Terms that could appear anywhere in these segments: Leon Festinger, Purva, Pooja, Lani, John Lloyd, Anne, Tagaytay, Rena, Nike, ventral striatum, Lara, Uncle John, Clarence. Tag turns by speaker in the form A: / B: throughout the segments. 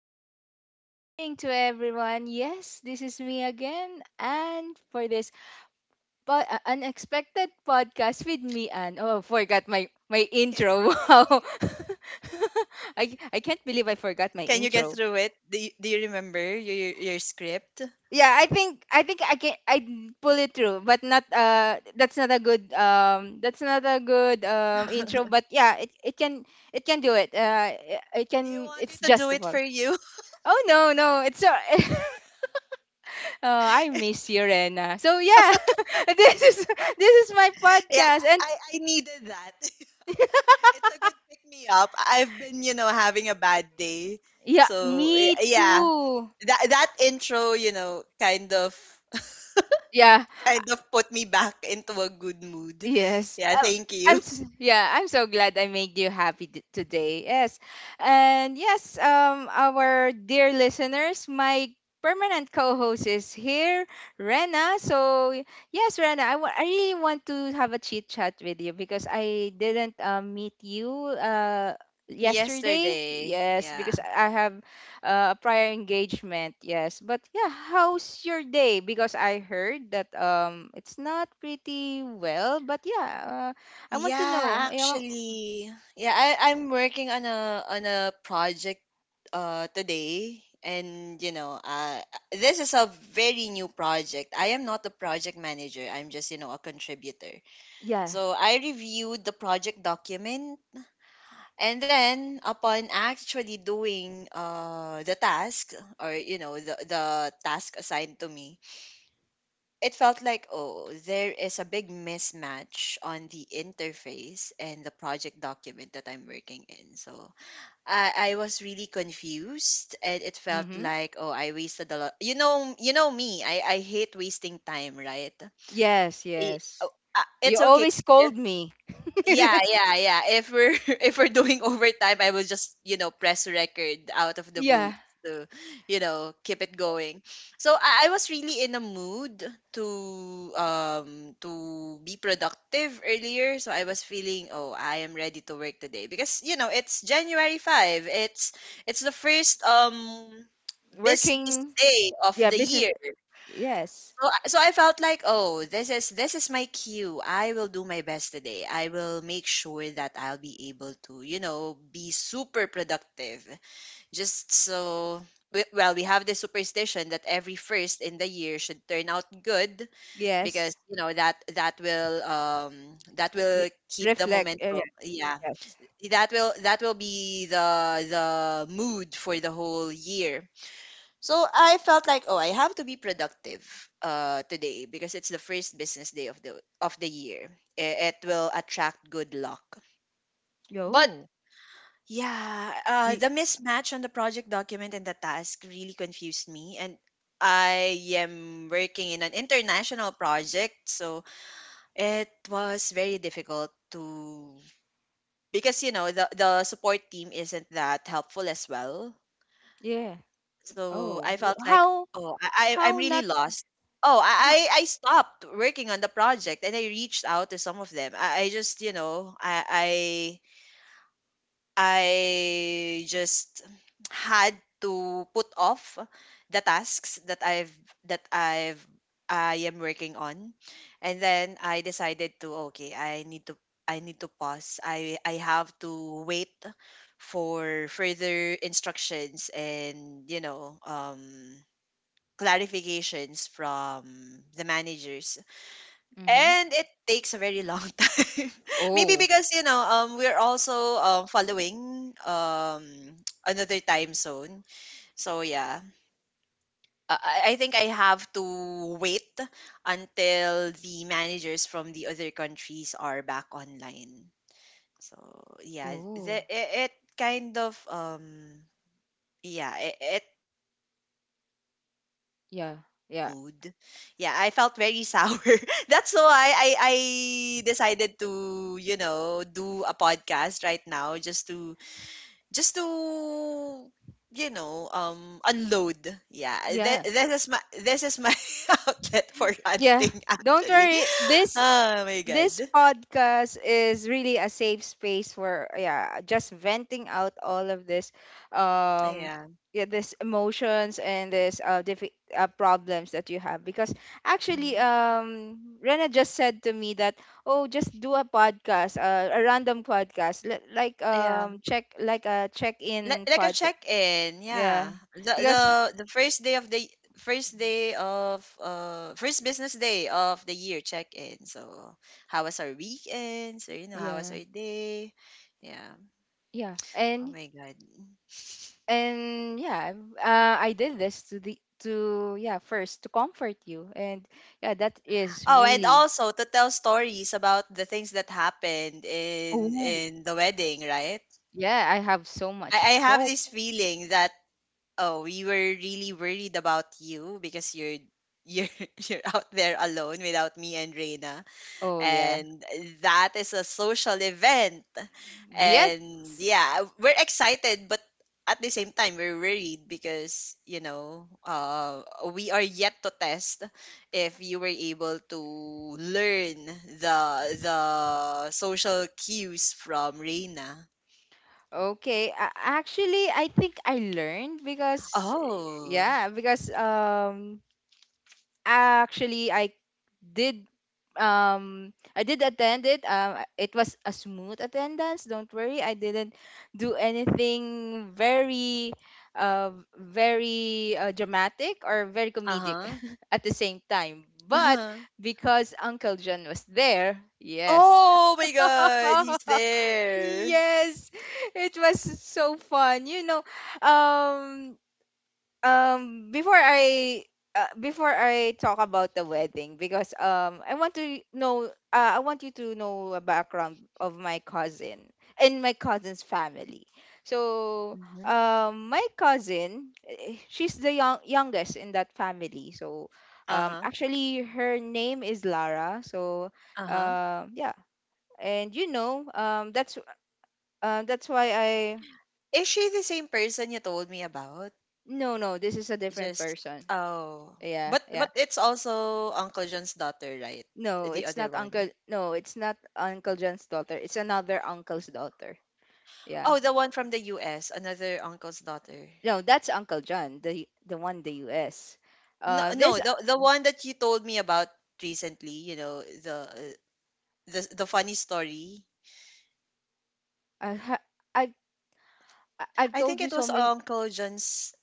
A: and good evening to everyone. Yes, this is me again, and for this unexpected podcast with me and oh, forgot my
B: Can
A: intro.
B: can
A: Wow,
B: you
A: I can't believe I forgot my
B: can you get
A: intro.
B: through it? Do you remember your script?
A: Yeah, I think I can I pull it through, but not that's not a good intro, but yeah, it can do it. It it
B: Do you
A: can
B: want me
A: it's
B: to do it
A: justable.
B: for you?
A: Oh no, no, it's so. Oh, I miss you, Rena. So yeah, this is this is my
B: Yeah,
A: podcast, and
B: I needed that. It's a good pick me up. I've been, having a bad day.
A: yeah,
B: So
A: me too.
B: that intro, kind of
A: Yeah,
B: kind of put me back into a good mood.
A: yes.
B: Yeah,
A: Oh,
B: thank you.
A: yeah, I'm so glad I made you happy today. Yes. And yes, our dear listeners, my permanent co-host is here, Rena. So, yes, Rena, I really want to have a chit chat with you because I didn't meet you uh yesterday.
B: Yesterday,
A: Yes,
B: yeah.
A: because I have prior engagement, yes. But yeah, how's your day? Because I heard that it's not pretty well, but yeah, I want to
B: Yeah,
A: know.
B: actually. Yeah, I'm working on a project today and this is a very new project. I am not a project manager. I'm just, a contributor.
A: Yeah.
B: So I reviewed the project document and then upon actually doing the task or the task assigned to me, it felt like, oh, there is a big mismatch on the interface and the project document that I'm working in. So I was really confused and it felt
A: Mm-hmm.
B: like, oh, I wasted a lot. Me I hate wasting time, right?
A: Yes,
B: I- oh,
A: yes. You
B: it's okay.
A: always scold me.
B: Yeah, yeah, yeah. If we're if we're doing overtime, I will just, press record out of the blue
A: Yeah.
B: just to, keep it going. So I was really in a mood to to be productive earlier. So I was feeling, oh, I am ready to work today. Because, it's January 5th. It's the first business
A: Working,
B: day of
A: yeah,
B: the
A: business.
B: year.
A: Yes.
B: So, So I felt like, oh, this is my cue. I will do my best today. I will make sure that I'll be able to, be super productive. Just so we have this superstition that every first in the year should turn out good because
A: Yes.
B: you know that that
A: Y-
B: will keep the
A: Reflect.
B: momentum.
A: Yeah,
B: Yeah,
A: yes.
B: that will be the mood for the whole year. So I felt like, oh, I have to be productive today because it's the first business day of the year. It will attract good luck. But
A: Yo.
B: yeah,
A: Y-
B: the mismatch on the project document and the task really confused me, and I am working in an international project, so it was very difficult to, because you know the support team isn't that helpful as well.
A: Yeah.
B: So
A: Oh.
B: I felt like, oh, I'm
A: How
B: really
A: not
B: lost. Oh,
A: how,
B: I stopped working on the project and I reached out to some of them. I just, I just had to put off the tasks that I've I am working on. And then I decided to, okay, I need to pause. I have to wait for further instructions and clarifications from the managers,
A: hmm.
B: and it takes a very long time, maybe
A: Oh.
B: because we're also following another time zone. So yeah, I think I have to wait until the managers from the other countries are back online. So yeah, the,
A: Oh.
B: i- it kind of yeah it got me into a
A: Yeah.
B: very bad
A: Yeah.
B: mood. Yeah, I felt very sour. That's why I decided to, do a podcast right now just to just to unload. Yeah, Th-
A: Yeah.
B: this is my this is my outlet for
A: Yeah,
B: ranting
A: don't
B: actually.
A: worry. This
B: Oh my
A: this
B: god.
A: podcast is really a safe space for yeah, just venting out all of this um
B: Yeah.
A: yeah, this emotions and this problems that you have because actually
B: Hmm.
A: Rena just said to me that oh just do a podcast a random podcast like
B: Yeah,
A: check like a check-in
B: like a
A: podcast
B: check-in.
A: yeah
B: Yeah, the
A: because
B: the first day of the first business day of the year check-in. So how was our weekend? So, how was
A: yeah
B: our day? Yeah.
A: yeah.
B: Oh
A: And
B: my god.
A: yeah, I did this to the to yeah first to comfort you, and yeah that is
B: Oh, and
A: really.
B: also to tell stories about the things that happened in
A: Oh
B: the wedding, right?
A: yeah, I have so much,
B: I have
A: so
B: this feeling that, oh, we were really worried about you because you're you're out there alone without me and Reina,
A: oh yeah
B: and that is a social event.
A: yes.
B: And yeah, we're excited, but at the same time, we're worried because, we are yet to test if you were able to learn the the social cues from Reina.
A: Okay, actually I think I learned because
B: Oh,
A: yeah because actually I did I did attend it. It was a smooth attendance. Don't worry, I didn't do anything very, uh, very dramatic or very comedic
B: uh-huh.
A: at the same time. But
B: Uh-huh.
A: because Uncle John was there, yes,
B: Oh my god, he's there.
A: yes, it was so fun. You know, um, um before I before I talk about the wedding because I want to know I want you to know a background of my cousin and my cousin's family. So
B: Hmm.
A: my cousin eh, she's youngest in that family. So
B: Uh-huh.
A: actually her name is Lara. So
B: Uh-huh.
A: yeah and you know that's why I
B: Is she the same person you told me about?
A: no no this is a different
B: Just,
A: person.
B: oh,
A: Yeah, yeah.
B: but it's also Uncle John's daughter, right?
A: No,
B: The
A: it's
B: other
A: not Uncle.
B: one.
A: No, it's not Uncle John's daughter. It's another uncle's daughter. Yeah.
B: Oh, the one from the U.S. Another uncle's daughter.
A: No, that's Uncle John, the one in the U.S.
B: No,
A: This
B: no, the one that you told me about recently. You know the the funny story.
A: uh, ha- I've I've
B: I think
A: told you
B: it
A: so
B: was
A: many.
B: Uncle John's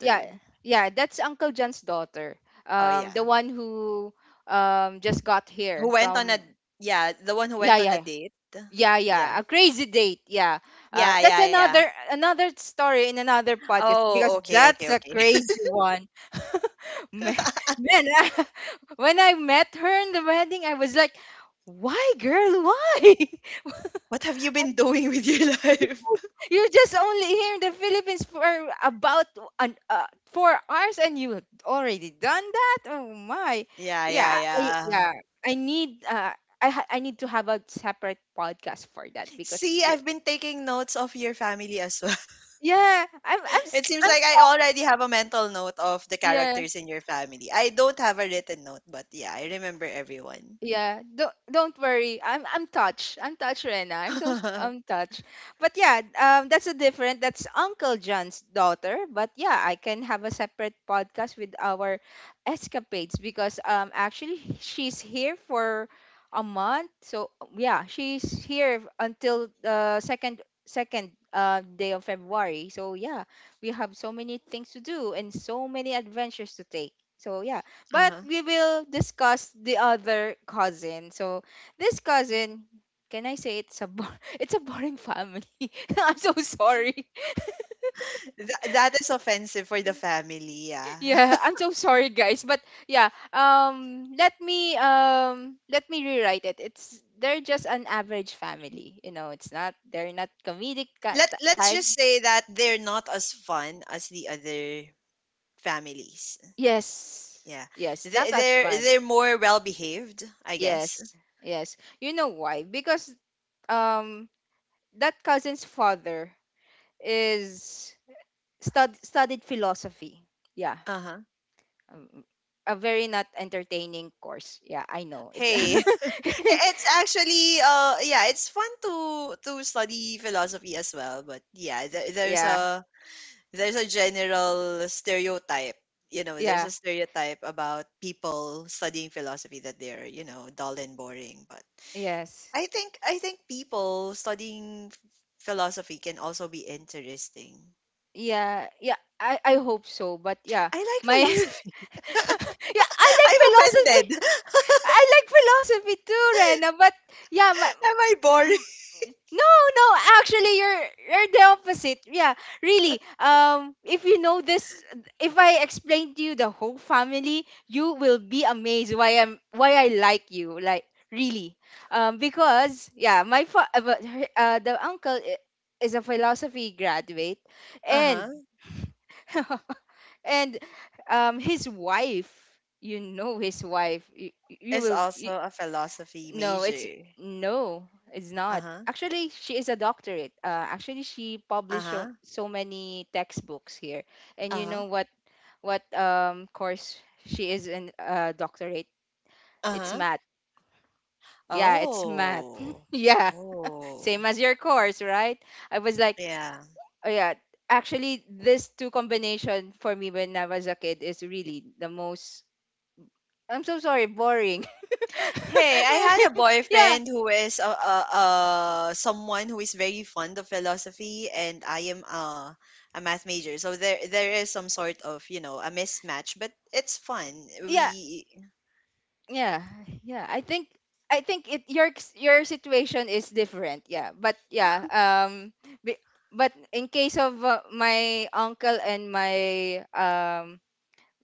A: Yeah, yeah, that's Uncle John's daughter.
B: Oh
A: The
B: yeah,
A: one who just got
B: who
A: here
B: went on a,
A: from.
B: yeah, the one who
A: Yeah,
B: went on a
A: yeah,
B: date.
A: yeah,
B: Yeah,
A: yeah. A crazy date. Yeah.
B: yeah,
A: That's
B: yeah, yeah.
A: another story in another podcast
B: Oh,
A: because
B: okay,
A: that's
B: okay,
A: a
B: okay.
A: crazy one. Man, man I- when I met her in the wedding, I was like, why, girl, why?
B: What have you been doing with your life?
A: You're just only here in the Philippines for about an, uh, four hours and you have already done that? Oh my.
B: Yeah, yeah,
A: Yeah, I,
B: yeah.
A: yeah, I need, uh, I need to have a separate podcast for that because,
B: See, I've been taking notes of your family as well.
A: yeah, I'm, I'm,
B: It
A: s-
B: seems
A: I'm,
B: like I already have a mental note of the
A: yeah,
B: characters in your family. I don't have a written note, but yeah, I remember everyone.
A: yeah, don't worry. I'm touched. I'm touched, Rena.
B: Uh-huh.
A: I'm touched. But yeah, that's a different. That's Uncle John's daughter. But yeah, I can have a separate podcast with our escapades because actually she's here for a month. So yeah, she's here until the second day of February. So yeah, we have so many things to do and so many adventures to take. So yeah, but we will discuss the other cousin. So this cousin, can I say it's a it's a boring family. I'm so sorry.
B: That is offensive for the family, yeah.
A: Yeah, I'm so sorry guys, but yeah, let me rewrite it. It's they're just an average family. You know, it's not they're not comedic
B: Let let's
A: type.
B: just say that they're not as fun as the other families.
A: Yes.
B: Yeah.
A: Yes, not
B: They
A: that's
B: they're
A: fun.
B: they're more well behaved, I guess.
A: Yes. Yes. You know why? Because um that cousin's father is studied philosophy. Yeah.
B: Uh huh.
A: Um, a very not entertaining course. Yeah, I know. It's
B: Hey, it's actually yeah, it's fun to study philosophy as well, but yeah, there's
A: yeah.
B: a general stereotype. You know, there's a
A: Yeah.
B: stereotype about people studying philosophy that they're, dull and boring, but
A: Yes.
B: I think people studying philosophy can also be interesting.
A: Yeah. Yeah. I hope so. But yeah,
B: I like
A: my yeah, I
B: philosophy.
A: like
B: I'm
A: philosophy.
B: offended.
A: I like philosophy too, Rena. But yeah, my
B: Am I boring?
A: no, no, actually you're the opposite. Yeah, really. If you know this if I explain to you the whole family, you will be amazed why I'm why I like you. Like really. Because yeah, my fa- but her- the is a philosophy graduate and
B: Uh-huh.
A: and his wife, you know his wife. You
B: Is
A: will
B: also a philosophy
A: no, it's
B: major.
A: no, it's not.
B: Uh-huh.
A: Actually, she is a doctorate. Actually, she published
B: Uh-huh.
A: so many textbooks here, and you
B: Uh-huh,
A: know what? What course she is in doctorate? It's
B: uh-huh.
A: math. Yeah, it's math.
B: Oh.
A: yeah, same
B: Oh.
A: as your course, right? I was like,
B: Yeah.
A: oh yeah. Actually, this two combination for me when I was a kid is really the most. I'm so sorry, boring.
B: Hey, I had a
A: yeah,
B: boyfriend who is someone who is very fond of philosophy and I am a math major. So there is some sort of, a mismatch, but it's fun.
A: yeah.
B: We
A: Yeah yeah I think it your your situation is different yeah but yeah um be, but in case of my uncle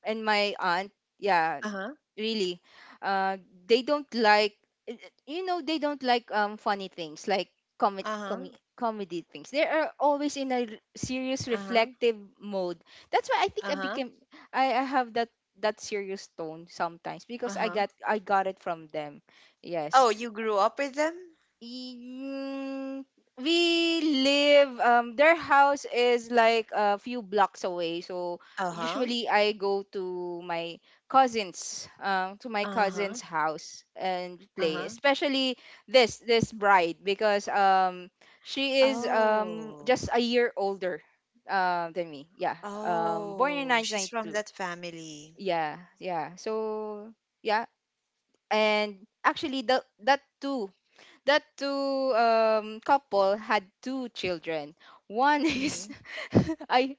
A: and my aunt yeah
B: Uh-huh.
A: really uh they don't like uh, uh, you know they don't like funny things like
B: Uh-huh.
A: comedy things they are always in a serious
B: Uh-huh.
A: reflective mode that's why I think I
B: Uh-huh.
A: became I have that that serious tone sometimes because
B: Uh-huh.
A: I got it from them yes.
B: Oh, you grew up with them?
A: Mm, we live their house is like a few blocks away so
B: Uh-huh.
A: usually I go to my cousins to my
B: Uh-huh.
A: cousin's house and play
B: Uh-huh.
A: especially this bride because she is
B: Oh.
A: just a year older than me yeah born in
B: Oh, she's from
A: 1992
B: that family.
A: yeah yeah so yeah and actually the that too that two couple had two children. One is
B: Mhm.
A: I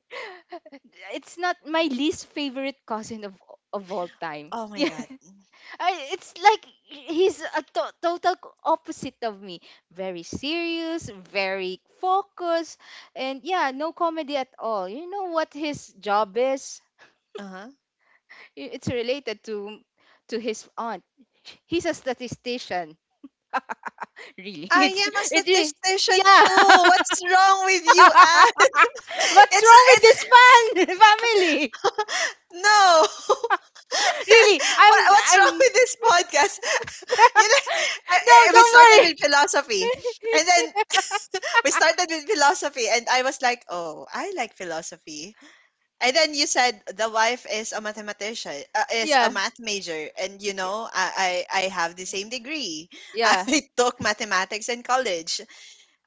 A: it's not my least favorite cousin of all time.
B: Oh my
A: Yeah.
B: god.
A: I, it's like he's a total opposite of me. Very serious, very focused, and yeah, no comedy at all. You know what his job is?
B: Uh-huh.
A: I- It's related to his aunt. He's a statistician. Really,
B: I
A: it's
B: am a
A: it.
B: statistician
A: Yeah.
B: too. What's wrong with you, Anne?
A: What's
B: It's
A: wrong with
B: it's
A: this fan family?
B: no.
A: Really,
B: what, what's wrong
A: I'm
B: with this podcast? You know,
A: no,
B: we
A: don't
B: started
A: worry.
B: with philosophy, and then we started with philosophy, and I was like, oh, I like philosophy. And then you said the wife is a mathematician, is a
A: yeah,
B: math major, and you
A: yeah,
B: know I have the same degree. I
A: yeah.
B: took mathematics in college,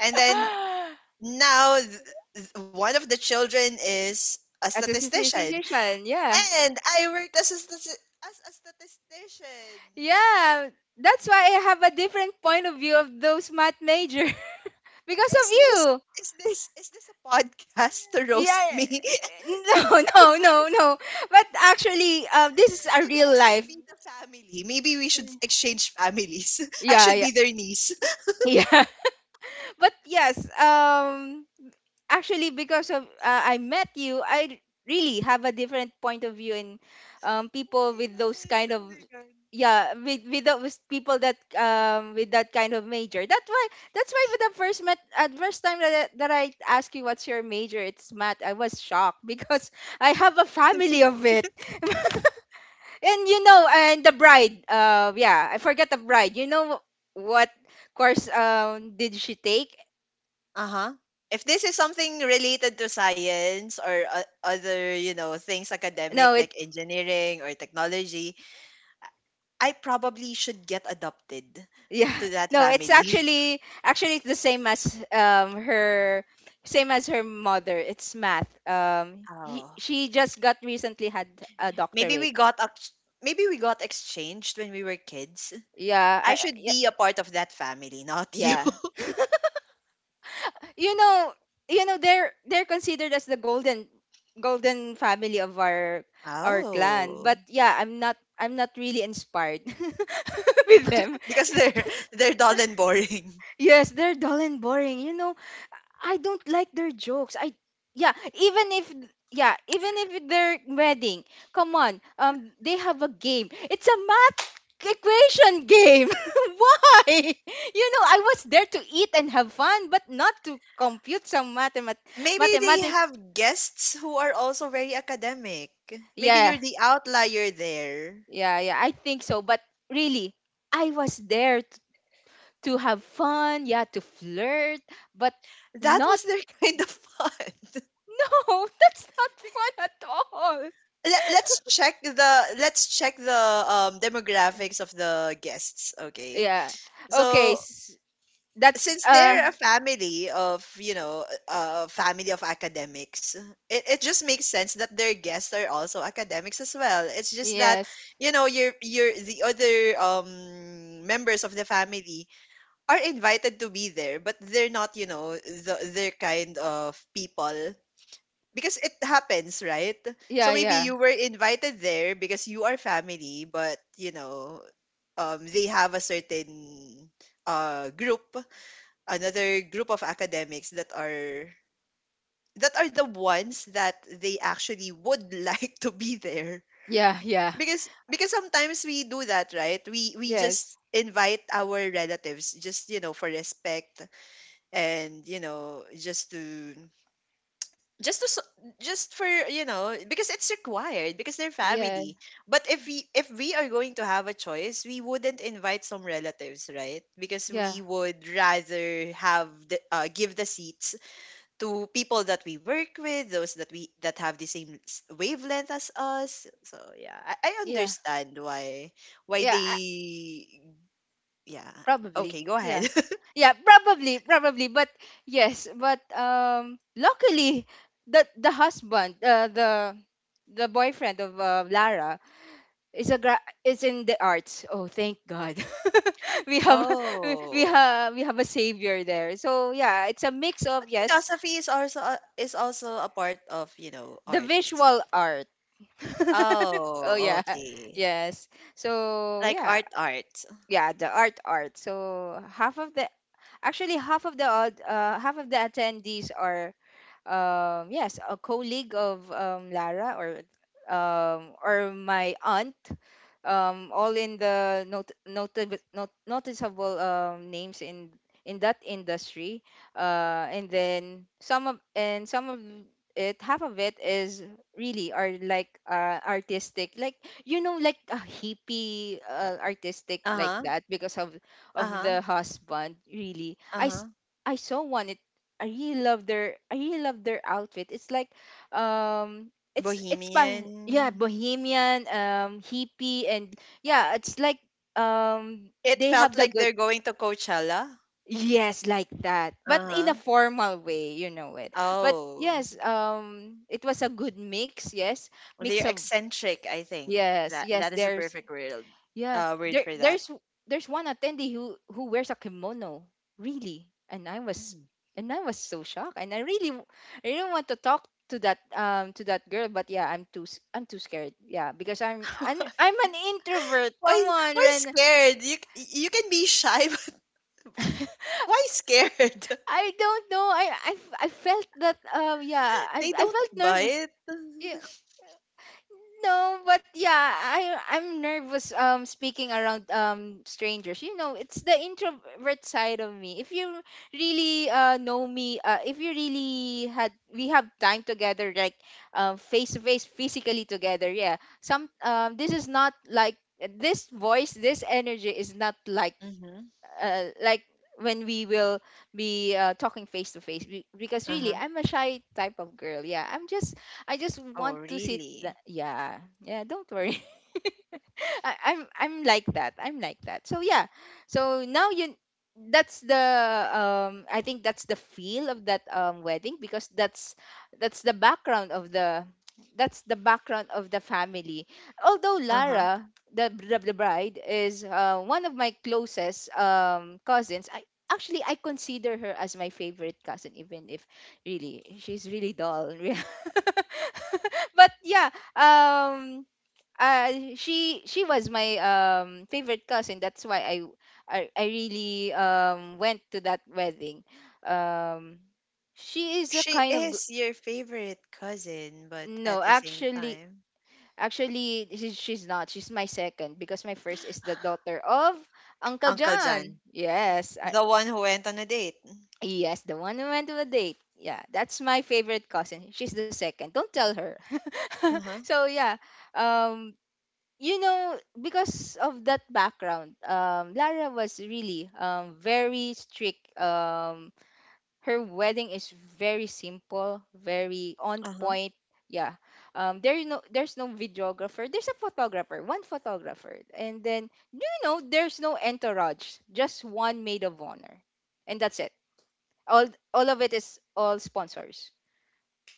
B: and then now one of the children is a
A: As a
B: statistician,
A: statistician, yeah,
B: and I worked as a statistician.
A: yeah. That's why I have a different point of view of those math major because of
B: Is this
A: you.
B: is this a podcast to roast
A: Yeah.
B: me? Yeah,
A: No,
B: am
A: no,
B: I,
A: no, no. But actually, this is a
B: maybe I
A: real
B: should
A: life.
B: be the family. Maybe we should exchange families. I
A: Yeah,
B: should
A: yeah,
B: be their niece.
A: yeah. But yes, actually because of I met you, really have a different point of view in
B: My
A: people with those kind
B: gosh. Oh
A: of
B: my god.
A: yeah with those people that with that kind of major. That's why with the first met at first time that that I asked you what's your major, it's math. I was shocked because I have a family of it, and you know, and the bride. Yeah, I forgot the bride. You know what course did she take?
B: Uh-huh. If this is something related to science or other, things academic
A: No,
B: like engineering or technology, I probably should get adopted
A: yeah.
B: to that
A: No, it's
B: family.
A: actually actually it's the same as her same as her mother. It's math.
B: Oh.
A: She just got recently had a
B: Maybe
A: doctorate.
B: we got exchanged when we were kids.
A: Yeah,
B: I should
A: yeah,
B: be a part of that family, not you.
A: yeah. You know, you know they're considered as the golden family of our clan.
B: Oh.
A: But yeah, I'm not really inspired with them.
B: Because they're dull and boring.
A: Yes, they're dull and boring. You know, I don't like their jokes. I yeah, even if yeah, even if their wedding. Come on. They have a game. It's a math equation game. Why? You know, I was there to eat and have fun, but not to compute some
B: Maybe they
A: mathematics.
B: have guests who are also very academic. Maybe
A: Yeah.
B: you're the outlier there.
A: Yeah, yeah. I think so, but really, I was there to have fun, yeah, to flirt, but
B: That
A: not
B: was their kind of fun.
A: no, that's not fun at all.
B: Let's check the let's check the demographics of the guests, okay?
A: Yeah. Okay.
B: So
A: That's
B: since they're a family of, you know, a family of academics, it just makes sense that their guests are also academics as well. It's just that
A: yes.
B: you know you're the other members of the family are invited to be there, but they're not, the their kind of people, because it happens, right?
A: Yeah,
B: So maybe
A: yeah.
B: you were invited there because you are family, but you know, they have a certain group, another group of academics that are the ones that they actually would like to be there,
A: Yeah, yeah.
B: because sometimes we do that, right? We just
A: Yes.
B: invite our relatives just, you know, for respect, and you know, just to su- just for you know because it's required because they're
A: Yeah,
B: family. But if we, if we are going to have a choice, we wouldn't invite some relatives, right? Because
A: yeah.
B: we would rather have the, give the seats to people that we work with, those that we that have the same wavelength as us. So yeah, I
A: Yeah.
B: understand why
A: Yeah,
B: they yeah,
A: probably.
B: okay, go
A: Yeah.
B: ahead.
A: Yeah, probably, probably, but yes, but luckily the husband, the boyfriend of Lara is a is in the arts. Oh, thank God. we have we
B: Oh.
A: have we have a savior there. So, yeah, it's a mix
B: But
A: of yes,
B: philosophy is also a part of, you know,
A: the
B: arts.
A: visual art. Oh
B: Oh,
A: yeah.
B: okay.
A: Yes, so
B: Like
A: yeah,
B: art art.
A: yeah, the art art. So half of the, actually half of the half of the attendees are yes, a colleague of Lara, or my aunt, all in the not- notable, not- noticeable names in that industry. And then some of it, half of it is really are like artistic, like you know, like a hippie artistic like
B: Uh-huh.
A: that because of
B: Uh-huh.
A: the husband. Really,
B: Uh-huh.
A: I saw one. It I really love their outfit. It's like um it's
B: Bohemian.
A: fun. Yeah, bohemian, hippie, and yeah, it's like um,
B: It
A: they
B: felt
A: have the
B: like
A: good.
B: they're going to Coachella.
A: Yes, like that, but in a
B: Uh-huh.
A: formal way, you know it. But
B: Oh.
A: yes, it was a good mix. Yes,
B: They're
A: mix of
B: eccentric, I think.
A: yes,
B: That
A: yes.
B: that is the
A: There's
B: perfect word
A: yeah,
B: word for that.
A: there's one attendee who wears a kimono, really, and
B: Mm.
A: I was so shocked, and I really I didn't want to talk to that girl, but yeah, I'm too I'm too scared, yeah, because I'm an introvert. Come
B: Why
A: on,
B: why
A: Ren.
B: scared? You you can be shy, but why scared?
A: I don't know. I, I felt that yeah,
B: They
A: I
B: don't
A: felt
B: buy
A: nervous.
B: it.
A: No, but yeah, I'm nervous speaking around strangers. You know, it's the introvert side of me. If you really know me, uh, if you really had we have time together, like face to face, physically together. Yeah. Some this is not like this voice, this energy is not like
B: Mm-hmm.
A: like when we will be talking face to face because really
B: Uh-huh.
A: I'm a shy type of girl. Yeah, I just
B: Oh,
A: want to sit.
B: really?
A: Yeah, yeah. Don't worry. I'm like that. I'm like that. So yeah. So now you, that's the I think that's the feel of that wedding, because that's the background of the that's the background of the family. Although
B: Uh-huh.
A: Lara, the bride is one of my closest cousins. I consider her as my favorite cousin, even if really she's really dull. But yeah, um, she was my favorite cousin. That's why I really went to that wedding. Um, she is a
B: She
A: kind of g-,
B: is your favorite cousin, but
A: no,
B: at the same
A: actually,
B: time,
A: actually, she's not. She's my second, because my first is the daughter of Uncle
B: Uncle
A: John.
B: John,
A: Yes. I,
B: the one who went on a date.
A: yes, the one who went to the date. Yeah, that's my favorite cousin. She's the second. Don't tell her.
B: Uh-huh.
A: So, yeah. Um, you know, because of that background, Lara was really very strict. Her wedding is very simple, very on
B: Uh-huh.
A: point. Yeah. Um, there, you know, there's no videographer. There's a photographer, one photographer. And then, do you know, there's no entourage, just one maid of honor. And that's it. All all of it is all sponsors.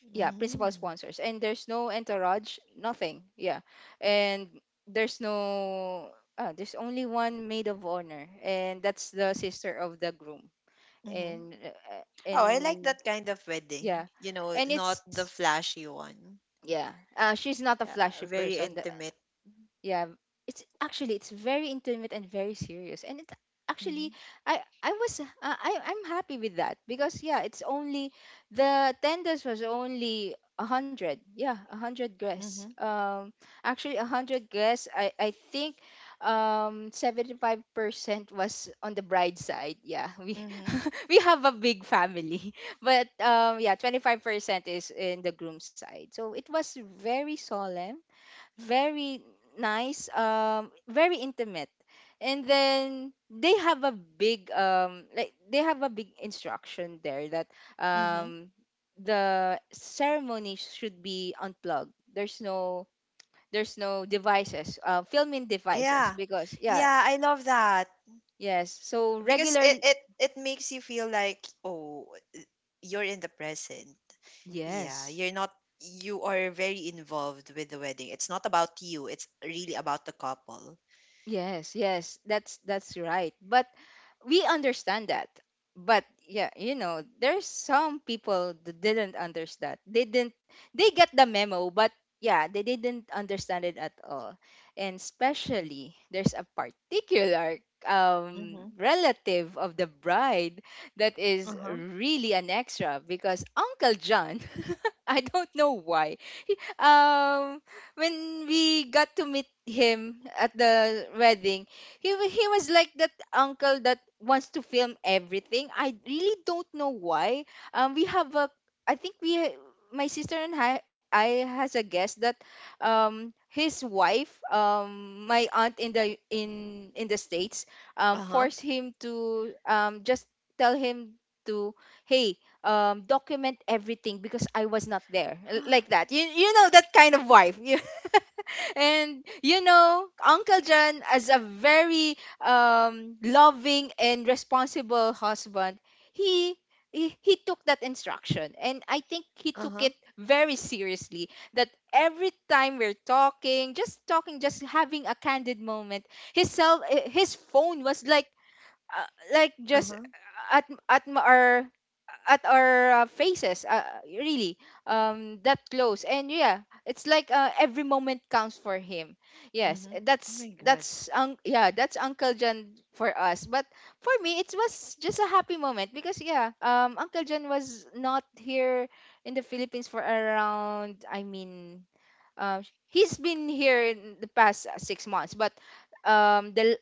A: Yeah, principal
B: Mm.
A: sponsors. And there's no entourage, nothing. Yeah. And there's no there's only one maid of honor, and that's the sister of the groom.
B: Mm-hmm.
A: And uh,
B: Oh, I like
A: and
B: that kind of
A: yeah.
B: wedding. You know,
A: And
B: not
A: it's
B: the flashy one.
A: yeah. Uh, she's not a
B: Yeah,
A: flashy
B: very
A: person. That
B: intimate.
A: yeah, it's actually, it's very intimate and very serious, and it's
B: Mm-hmm.
A: actually, i was I'm happy with that because yeah, it's only the attendance was only 100, yeah, 100 guests,
B: Mm-hmm.
A: um, actually 100 guests, I think 75% was on the bride side. Yeah, we
B: Mm-hmm.
A: we have a big family. But um, yeah, 25% is in the groom side, so it was very solemn, very nice, very intimate. And then they have a big, um, like they have a big instruction there that
B: Mm-hmm.
A: um the ceremony should be unplugged. There's no devices, filming devices,
B: Yeah.
A: because yeah,
B: Yeah, I love that.
A: yes. So
B: Because
A: regular
B: it makes you feel like, oh, you're in the present. Yeah,
A: yes.
B: you're not you are very involved with the wedding. It's not about you, it's really about the couple.
A: Yes, yes, that's right. But we understand that. But yeah, you know, there's some people that didn't understand. They didn't They get the memo, but yeah, they didn't understand it at all. And especially there's a particular
B: Mm-hmm.
A: relative of the bride that is
B: Uh-huh.
A: really an extra, because Uncle John. I don't know why. He-, um, when we got to meet him at the wedding, he he was like that uncle that wants to film everything. I really don't know why. We have a, I think we, ha-, my sister and I has a guest that, his wife, my aunt in the states,
B: Uh-huh.
A: forced him to um, just tell him to, hey, document everything because I was not there, L-, like that. You know that kind of wife. And you know, Uncle John, as a very loving and responsible husband, he. He took that instruction, and I think he took
B: Uh-huh.
A: it very seriously that every time we're talking, just talking, just having a candid moment, his phone was uh, like just
B: Uh-huh.
A: our at our faces, really that close, and yeah, it's like every moment counts for him. Yes,
B: Mm-hmm. Oh my God.
A: that's um, yeah, that's Uncle John for us. But for me, it was just a happy moment, because yeah, um, Uncle John was not here in the Philippines for around, I mean, um, he's been here in the past 6 months, but um, the,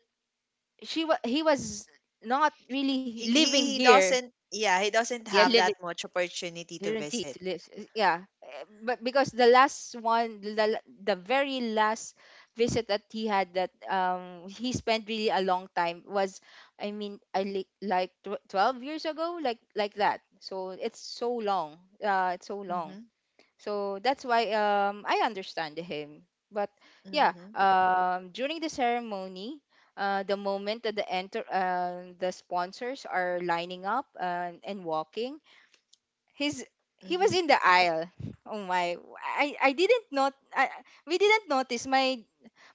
A: he was not really
B: He, he
A: living
B: he
A: here.
B: doesn't, yeah, he doesn't
A: Yeah,
B: have
A: living
B: that much opportunity to
A: guaranteed
B: visit.
A: to live. Yeah, eh, but because the last one, the very last visit that he had, that um, he spent really a long time, was, I mean, I like 12 years ago, like that. So it's so long. It's so long.
B: Mhm.
A: So that's why um, I understand him. But yeah,
B: Mhm.
A: um, during the ceremony, uh, the moment that the sponsors are lining up and walking, his, he was
B: Mhm.
A: in the aisle. Oh my, I didn't not I, we didn't notice my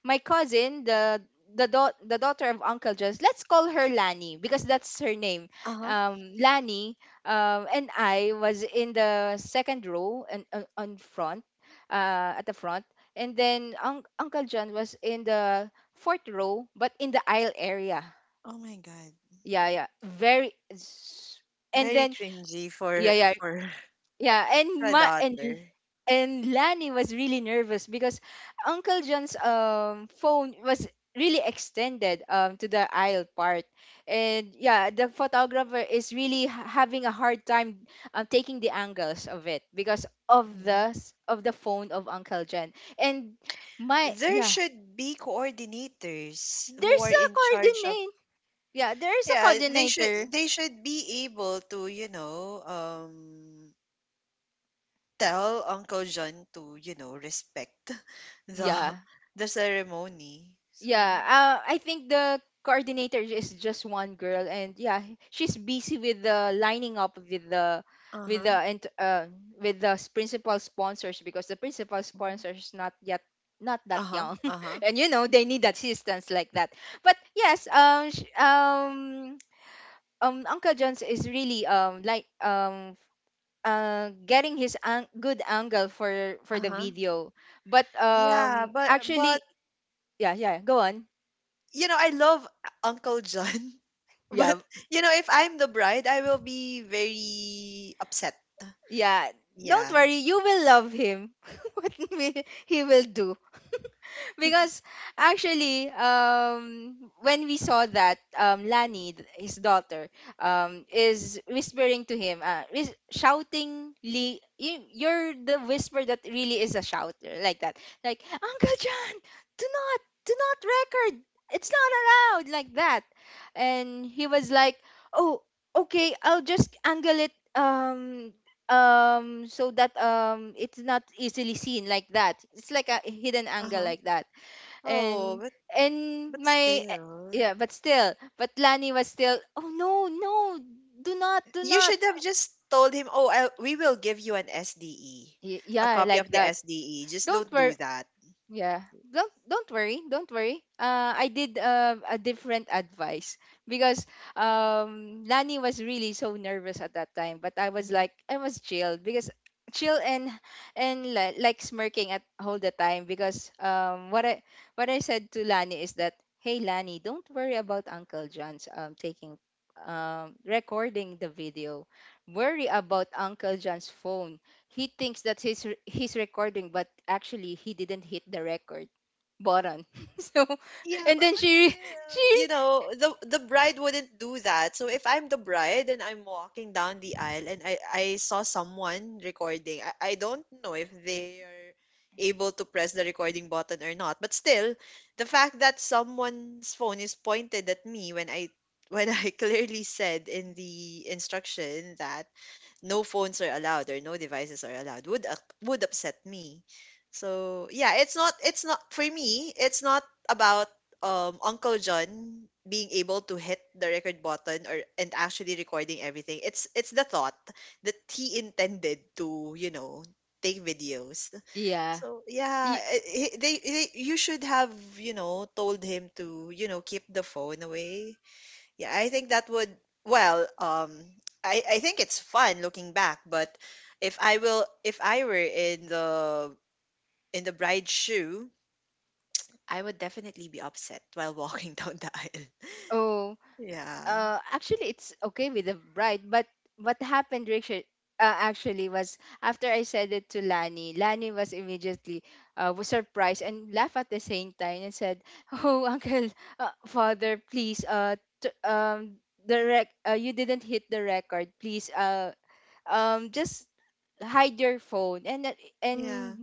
A: my cousin, the the daughter of Uncle Just, let's call her Lani because that's her name.
B: Uh-huh.
A: Lani and I was in the second row and on front, at the front, and then Uncle John was in the fourth row, but in the aisle area.
B: Oh my god.
A: Yeah, yeah, very. S- And
B: Very
A: then
B: cringy
A: yeah,
B: for
A: yeah,
B: for
A: yeah, and
B: a
A: my
B: daughter.
A: and Lani was really nervous because Uncle John's um, phone was really extended um, to the aisle part, and yeah, the photographer is really having a hard time taking the angles of it, because of
B: Mhm.
A: the phone of Uncle John. And my
B: There
A: yeah,
B: should be coordinators who
A: there's
B: are
A: a
B: in charge of,
A: coordinate, yeah, there's a
B: yeah, they should
A: coordinator,
B: they should be able to, you know, tell Uncle John to, you know, respect the
A: yeah.
B: the ceremony. So,
A: Yeah, I think the coordinator is just one girl, and yeah, she's busy with the lining up with the
B: uh-huh.
A: and with the principal sponsors, because the principal
B: Mhm.
A: sponsors is not yet, not that
B: Uh-huh.
A: young,
B: Uh-huh.
A: and you know, they need assistance like that. But yes, sh- Uncle John's is really um, like getting his ang-, good angle for the
B: Uh-huh.
A: video, but
B: Yeah,
A: um,
B: but
A: actually yeah, yeah, go on,
B: you know, I love Uncle John, but
A: yeah.
B: you know, if I'm the bride, I will be very upset.
A: Yeah, don't
B: Yeah.
A: worry, you will love him. What we, he will do, because actually um, when we saw that um, Lani th- his daughter um, is whispering to him, uh, whis-, shouting, Lee you, you're the whisper that really is a shouter, like that. Like, Uncle John, do not, do not record, it's not allowed, like that. And he was like, oh, okay, I'll just angle it, um, um, so that um, it's not easily seen, like that, it's like a hidden angle
B: Uh-huh.
A: like that.
B: Oh,
A: and
B: but
A: and
B: but
A: my eh,
B: still.
A: yeah, but still, but Lani was still, oh no, no, do not, do
B: You
A: not.
B: should have just told him, "Oh, we will give you an SDE,
A: Y-,
B: a
A: yeah,
B: copy
A: like
B: of the
A: that,
B: SDE. Just
A: don't
B: don't do
A: worry.
B: that."
A: Yeah. Don't worry. Don't worry. I did a different advice, because um, Lani was really so nervous at that time, but I was like, I was chill, because chill and like smirking at all the time, because um, what I said to Lani is that, hey Lani, don't worry about Uncle John's um, taking um, recording the video. Worry about Uncle John's phone, he thinks that he's recording, but actually he didn't hit the record button. So,
B: Yeah,
A: and
B: but,
A: then
B: but still,
A: she
B: you know, the bride wouldn't do that. So if I'm the bride and I'm walking down the aisle and I saw someone recording, I don't know if they are able to press the recording button or not. But still, the fact that someone's phone is pointed at me when I clearly said in the instruction that no phones are allowed or no devices are allowed would would upset me. So yeah, it's not for me. It's not about Uncle John being able to hit the record button or and actually recording everything. It's the thought that he intended to, you know, take videos.
A: yeah.
B: So yeah,
A: Y-,
B: they you should have, you know, told him to, you know, keep the phone away. Yeah, I think that would, well, um I think it's fun looking back, but if I were in the bride's shoe, I would definitely be upset while walking down the aisle.
A: oh,
B: Yeah.
A: actually it's okay with the bride, but what happened, Richard? Actually was after I said it to Lani, Lani was immediately was surprised and laughed at the same time and said, "Oh, uncle, father, please, t- the rec- you didn't hit the record. Please, just hide your phone and that-
B: Yeah.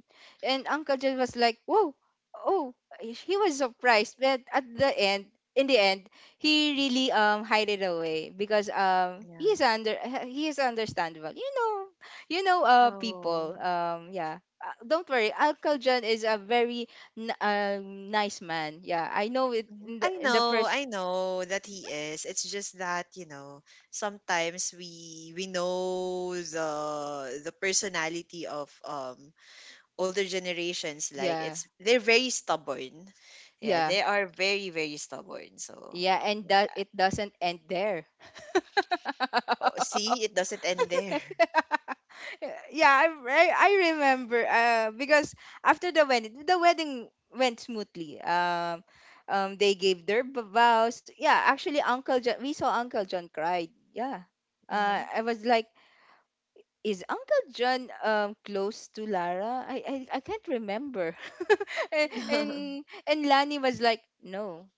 A: and Uncle John was like, whoa. Oh, he was surprised, but at the end, in the end, he really hide it away because
B: Yeah.
A: he is under he is understandable.
B: Oh.
A: People, yeah. Don't worry, Uncle John is a very nice man. Yeah, I know it
B: Mhm.
A: in the, in the first.
B: I know that he is. It's just that, you know, sometimes we know the personality of older generations. Like,
A: Yeah,
B: it's they're very stubborn. Yeah,
A: yeah,
B: they are very, very stubborn, so
A: yeah, and
B: yeah.
A: that it doesn't end there.
B: Oh, see, it doesn't end there.
A: Yeah, I remember because after the wedding, went smoothly. They gave their vows. Yeah, actually, Uncle John, we saw Uncle John cried. Yeah,
B: Hmm.
A: I was like, is Uncle John close to Lara? I can't remember. and, and and Lani was like, no.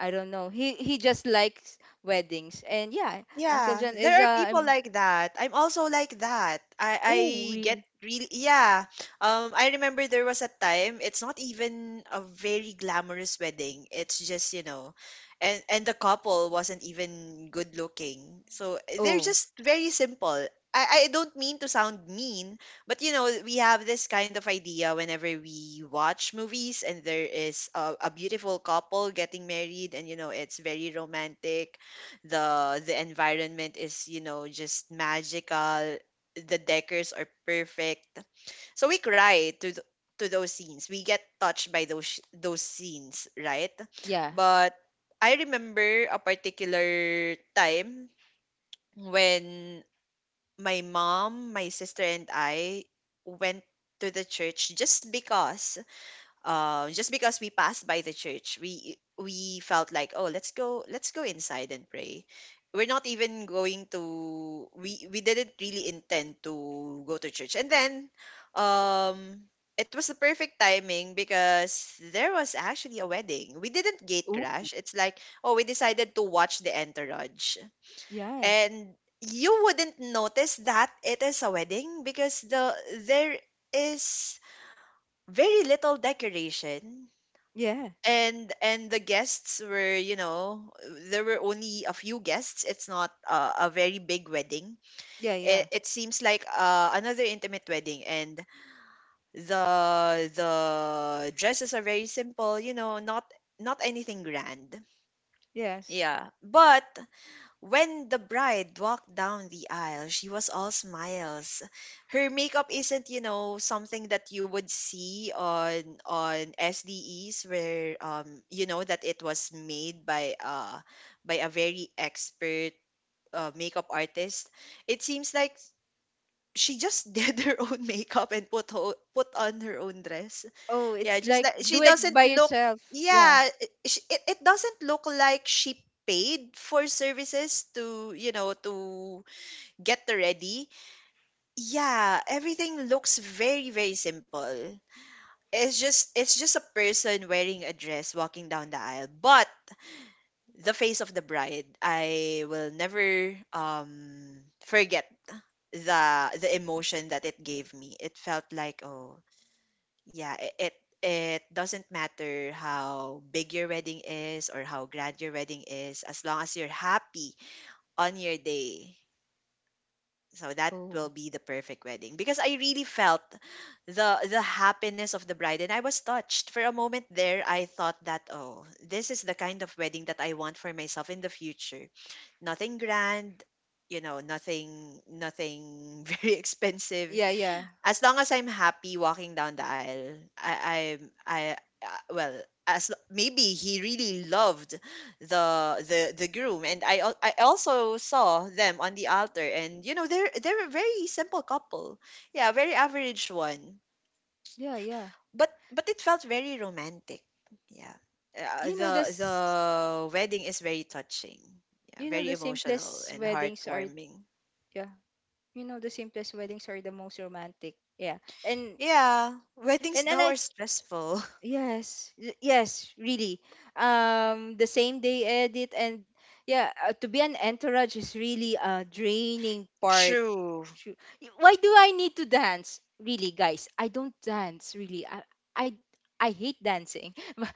A: I don't know. He just likes weddings, and yeah, Uncle
B: Yeah,
A: John is
B: there are people like that. I'm also like that. I
A: oh,
B: get
A: real.
B: really, yeah. I remember there was a time. It's not even a very glamorous wedding. It's just, you know, and the couple wasn't even good looking. So they're just very simple. I don't mean to sound mean, but you know, we have this kind of idea whenever we watch movies and there is a beautiful couple getting married, and, you know, it's very romantic. The, environment is, you know, just magical. The decors are perfect. So we cry to to those scenes. We get touched by those scenes, right?
A: Yeah.
B: But I remember a particular time when my mom, my sister, and I went to the church, just because we passed by the church. We felt like, oh, let's go inside and pray. We're not even going to. We didn't really intend to go to church, and then, um, it was the perfect timing, because there was actually a wedding. We didn't gate
A: Oh,
B: crash. It's like, oh, we decided to watch the entourage,
A: yes.
B: and you wouldn't notice that it is a wedding because there is very little decoration,
A: Yeah.
B: and the guests were, you know, there were only a few guests. It's not a very big wedding.
A: Yeah, yeah.
B: It seems like another intimate wedding, and the dresses are very simple, you know, not anything grand.
A: Yes.
B: Yeah, but when the bride walked down the aisle, she was all smiles. Her makeup isn't, you know, something that you would see on SDEs, where, that it was made by by a very expert makeup artist. It seems like she just did her own makeup and put on her own dress.
A: Oh,
B: Yeah,
A: it's
B: just
A: like
B: that she
A: do it
B: doesn't
A: by
B: look.
A: yourself. Yeah.
B: Yeah, it, sh- it doesn't look like she paid for services to, you know, to get ready. Yeah, everything looks very, very simple. It's just a person wearing a dress walking down the aisle, but the face of the bride, I will never forget the emotion that it gave me. It felt like, oh yeah, it doesn't matter how big your wedding is or how grand your wedding is, as long as you're happy on your day. So that
A: Oh.
B: will be the perfect wedding, because I really felt the happiness of the bride, and I was touched. For a moment there, I thought that, oh, this is the kind of wedding that I want for myself in the future. Nothing grand, you know, nothing very expensive.
A: Yeah, yeah.
B: As long as I'm happy walking down the aisle, I I'm I well, maybe he really loved the groom, and I also saw them on the altar, and, you know, they're a very simple couple. Yeah, very average one,
A: Yeah, yeah.
B: but it felt very romantic. Yeah, uh,
A: You know
B: the
A: the
B: the wedding is very touching. Yeah,
A: you know
B: very
A: the
B: emotional
A: simplest
B: and
A: weddings are,
B: heartwarming.
A: yeah. You know the simplest weddings are the most romantic. Yeah. And
B: Yeah, weddings
A: I
B: now are
A: like,
B: stressful.
A: yes. Yes, really. The same day edit, and yeah, to be an entourage is really a draining part.
B: True.
A: Sure. Why do I need to dance? Really, guys, I don't dance. Really, I, I hate dancing, but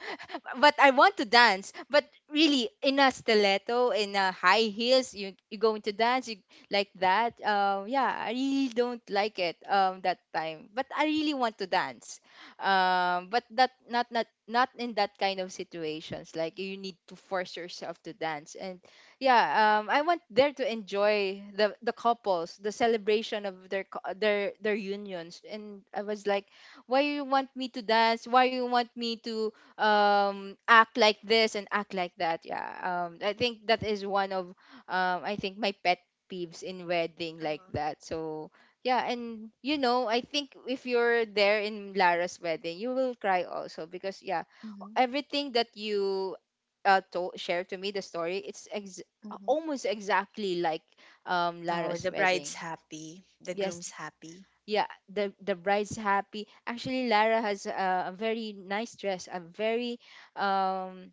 A: I want to dance. But really, in a stiletto, in a high heels, you going to dance, you, like that? Yeah, I really don't like it. That time, but I really want to dance. But that not in that kind of situations. Like you need to force yourself to dance, and yeah, I went there to enjoy the couples, the celebration of their their unions, and I was like, why you want me to dance? Why you want me to act like this and act like that? Yeah, I think that is one of, I think my pet peeves in wedding like
B: Uh-huh.
A: that. So yeah, and you know, I think if you're there in Lara's wedding, you will cry also because, yeah,
B: Mm-hmm.
A: everything that you, share to me the story, it's
B: Mm-hmm.
A: almost exactly like
B: Oh,
A: Lara's
B: the bride's
A: wedding.
B: happy, the
A: Yes,
B: groom's happy.
A: yeah, the bride's happy. Actually, Lara has a very nice dress, a very um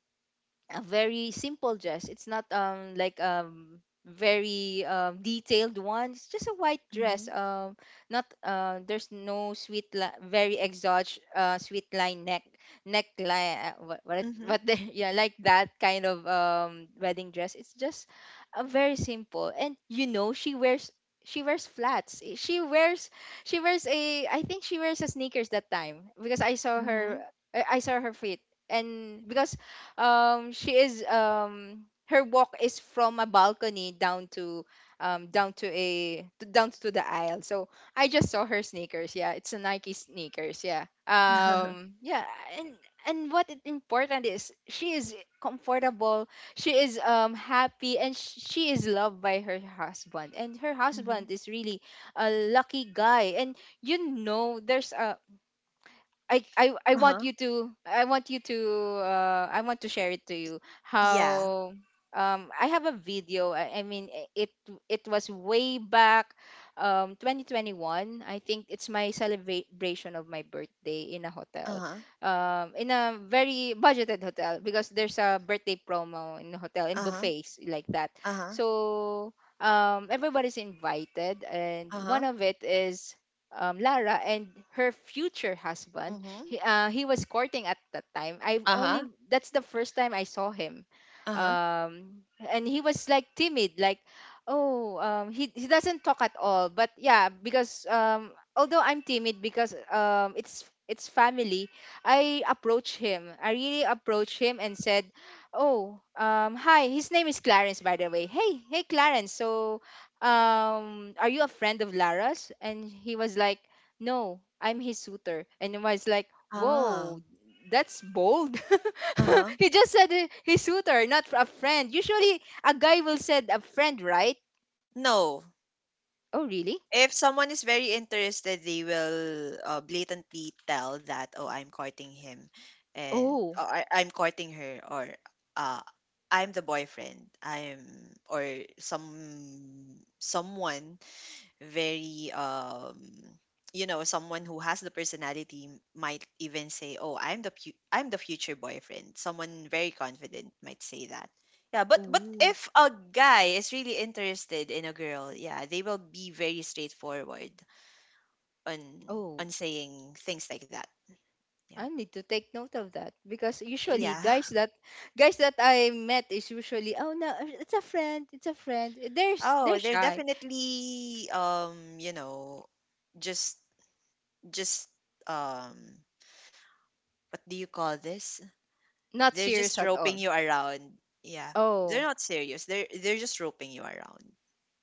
A: simple dress. It's not like very detailed one. It's just a white
B: Mm-hmm.
A: dress. Not there's no very exotic sweet line neckline, what it-
B: Mm-hmm.
A: what the, yeah, like that kind of wedding dress. It's just a very simple, and you know she wears. She wears flats. She wears, she wears a I think she wears a sneakers that time because I saw
B: Mm-hmm.
A: her. I saw her feet, and because she is, her walk is from a balcony down to, down to down to the aisle. So I just saw her sneakers. Yeah, it's a Nike sneakers. Yeah. Yeah, and and what it important is she is comfortable, she is happy, and she is loved by her husband, and her
B: Mm-hmm.
A: husband is really a lucky guy. And you know there's a,
B: Uh-huh.
A: I want you to, I want to share it to you
B: Yeah.
A: how, I have a video. I mean, it it was way back 2021, I think. It's my celebration of my birthday in a hotel,
B: Uh-huh.
A: in a very budgeted hotel because there's a birthday promo in the hotel in
B: Uh-huh.
A: buffets like that.
B: Uh-huh.
A: So everybody's invited, and one
B: Uh-huh.
A: of it is, Lara and her future husband.
B: Mm-hmm.
A: He was courting at that time. I've
B: Uh-huh.
A: only, that's the first time I saw him.
B: Uh-huh.
A: um, and he was like timid, like, oh, he doesn't talk at all. But yeah, because although I'm timid because it's family, I approached him. I really approached him and said, oh, hi. His name is Clarence, by the way. Hey, hey, Clarence. So, are you a friend of Lara's? And he was like. No, I'm his suitor. And it was like,
B: Ah.
A: whoa, that's bold.
B: Uh-huh.
A: He just said his suitor, not a friend. Usually, a guy will said a friend, right?
B: No.
A: Oh, really?
B: If someone is very interested, they will blatantly tell that, oh, I'm courting him, and
A: Oh,
B: oh, I'm courting her, or uh, I'm the boyfriend, I'm or someone very someone who has the personality might even say, oh, I'm the future boyfriend. Someone very confident might say that. Yeah, but
A: ooh,
B: if a guy is really interested in a girl, yeah, they will be very straightforward on
A: oh.
B: on saying things like that. Yeah.
A: I need to take note of that because usually
B: Yeah.
A: guys that I met is usually, oh, no, it's a friend, it's a friend.
B: Oh,
A: They're
B: they're
A: shy,
B: definitely, just just um what do you call this?
A: not
B: They're
A: serious
B: just
A: at
B: roping
A: all.
B: you around. Yeah. They're
A: Oh,
B: not serious. They're just roping you around.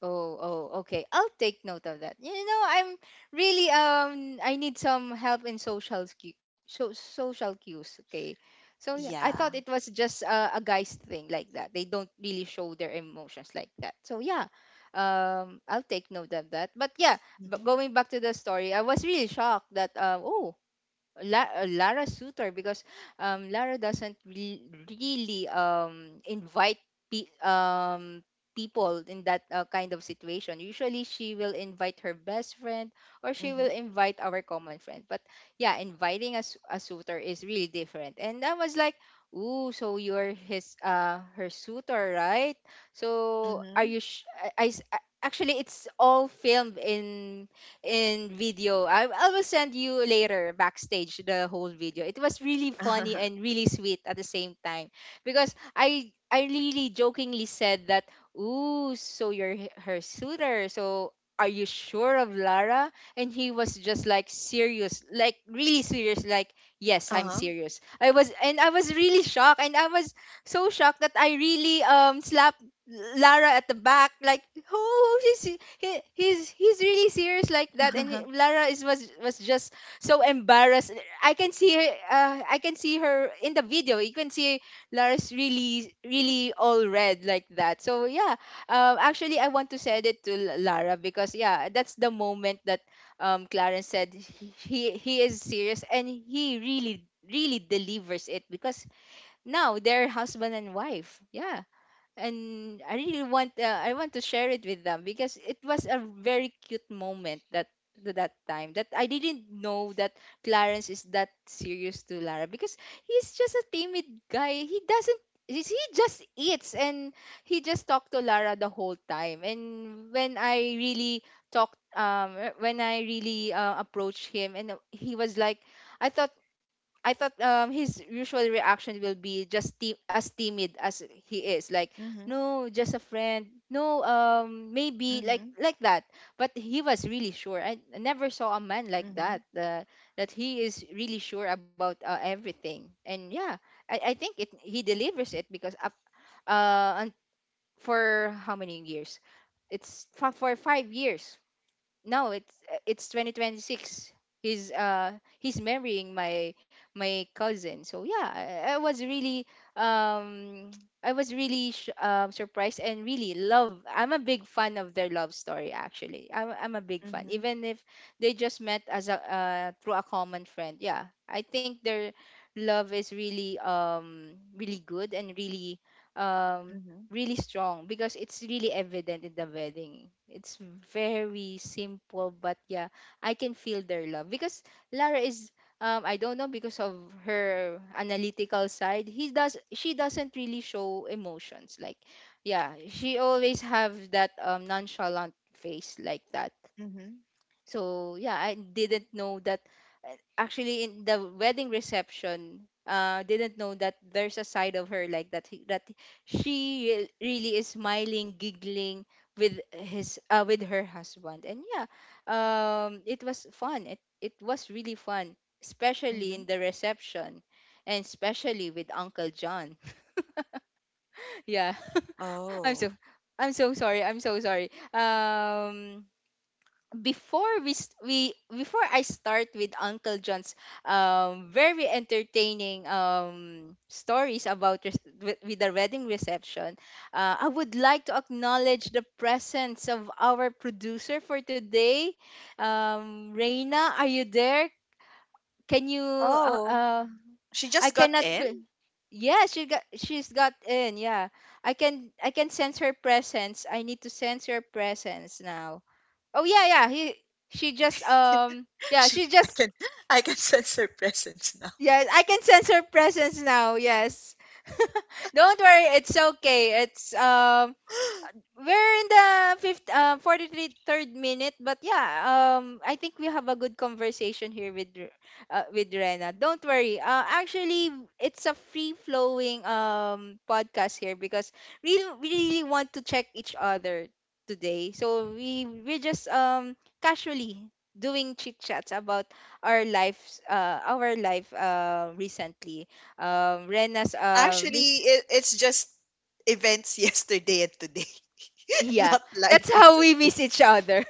A: oh, oh, okay. I'll take note of that. You know, I'm really, I need some help in social cues, okay? So yeah, I thought it
B: Yeah.
A: was just, a guy's thing like that. They don't really show their emotions like that. So yeah. I'll take note of that. But yeah, but
B: Mhm.
A: going back to the story, I was really shocked that, oh, Lara Suter because, Lara doesn't really, invite, pe- um, people in that, kind of situation. Usually, she will invite her best friend or she will
B: Mhm.
A: invite our common friend. But yeah, inviting a suitor is really different. And I was like, "Ooh, so you're his her suitor, right? So are
B: Mhm.
A: you? Actually it's all filmed in video. I will send you later backstage the whole video. It was really funny
B: Uh-huh.
A: and really sweet at the same time because I really jokingly said that, "Ooh, so you're her suitor. So are you sure of Lara?" And he was just like serious, like really serious, like, "Yes, I'm
B: Uh-huh.
A: serious." I was really shocked, and I was so shocked that I really, slapped Lara at the back like, "Oh, she's he he's really serious like that." And Lara is was just so embarrassed. I can see her in the video. You can see Lara's really really all red like that, so yeah, actually I want to send it to Lara because, yeah, that's the moment that, Clarence said he is serious and he really really delivers it because now they're husband and wife. Yeah, and I really want, I want to share it with them because it was a very cute moment that, that time, that I didn't know that Clarence is that serious to Lara because he's just a timid guy. He doesn't he's- He just eats and he just talked to Lara the whole time. And when I really talked when I really, approached him, and he was like, I thought I thought, his usual reaction will be just, as timid as he is, like
B: Uh-huh. Mhm.
A: no, just a friend, no, maybe like
B: Mhm.
A: like that. But he was really sure. I never saw a man like that,
B: Mhm.
A: that he is really sure about, everything. And yeah, I think it he delivers it because up, and for how many years, it's for 5 years. No, it's, 2026, he's, he's marrying my cousin. So yeah, I was really, um surprised and really love. i'm, a big fan of their love story. Actually, I'm a big fan
B: Mhm.
A: even if they just met as, a through a common friend. Yeah, I think their love is really, really good, and really, um
B: Mhm.
A: really strong because it's really evident in the wedding. It's very simple, but yeah, I can feel their love because Lara is, I don't know, because of her analytical side, he does she doesn't really show emotions like, yeah, she always have that nonchalant face like that.
B: Mhm.
A: So yeah, I didn't know that, actually in the wedding reception, didn't know that there's a side of her like that that she really is smiling, giggling with his with her husband. And yeah, it was fun. It was really fun, especially in
B: Mhm.
A: the reception, and especially with Uncle John. Yeah, I'm
B: Oh.
A: so I'm so sorry. I'm so sorry. Before we s- we before I start with Uncle John's, very entertaining, stories about, with the wedding reception, I would like to acknowledge the presence of our producer for today. Reina, are you there? Can you,
B: Oh. She
A: I
B: just got
A: cannot
B: in?
A: yeah, she's got in. Yeah. I can sense her presence. I need to sense her presence now. Oh yeah, yeah. He She just, yeah,
B: She,
A: she
B: I
A: just,
B: can I can sense her presence now.
A: yes, I can sense her presence now. Yes. Don't worry, it's okay. It's, we're in the 43 third minute, but yeah, I think we have a good conversation here with Rena. Don't worry. Actually, it's a free flowing podcast here because we really want to check each other today. So we're just, casually doing chit chats about our lives, our life recently. Rena's
B: Actually,
A: miss.
B: it's just events yesterday and today,
A: Yeah,
B: not life
A: that's how we
B: recently.
A: miss each other.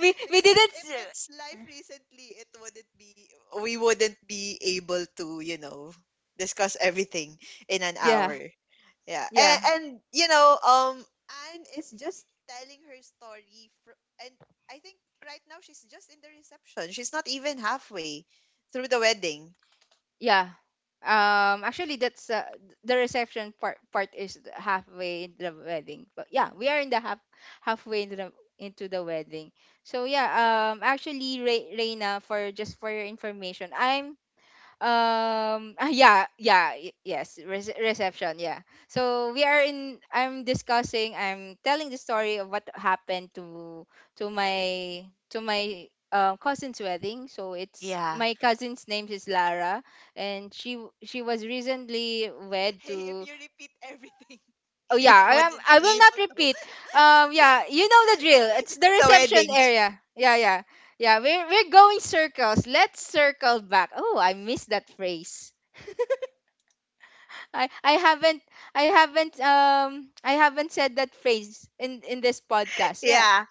A: We
B: Because if,
A: didn't
B: if
A: s-
B: it's live recently, it wouldn't be, we wouldn't be able to, you know, discuss everything in an
A: Yeah,
B: hour. Yeah. And,
A: yeah,
B: and you know, Anne is just telling her story. And I think right now she's just in the reception. She's not even halfway through the wedding.
A: yeah. Actually, that's the reception part is the halfway in the wedding, but yeah, we are in the halfway into the wedding, so yeah. Actually, Reina, for just for your information, I'm ah, yeah yeah y- yes rece- reception, yeah. So we are in, I'm telling the story of what happened to my to my cousin's wedding. So it's
B: Yeah.
A: my cousin's name is Lara, and she was recently wed
B: Hey, if
A: to.
B: you repeat everything,
A: Oh
B: you
A: yeah, I am,
B: wouldn't
A: I will
B: be
A: not
B: able to,
A: repeat.
B: to,
A: Yeah, you know the
B: to
A: drill, it's
B: finish
A: the
B: the
A: reception
B: wedding.
A: area, yeah, yeah. Yeah, we're going circles. Let's circle back. Oh, I missed that phrase. I I haven't I haven't um I haven't said that phrase in this podcast. Yeah.
B: Yeah.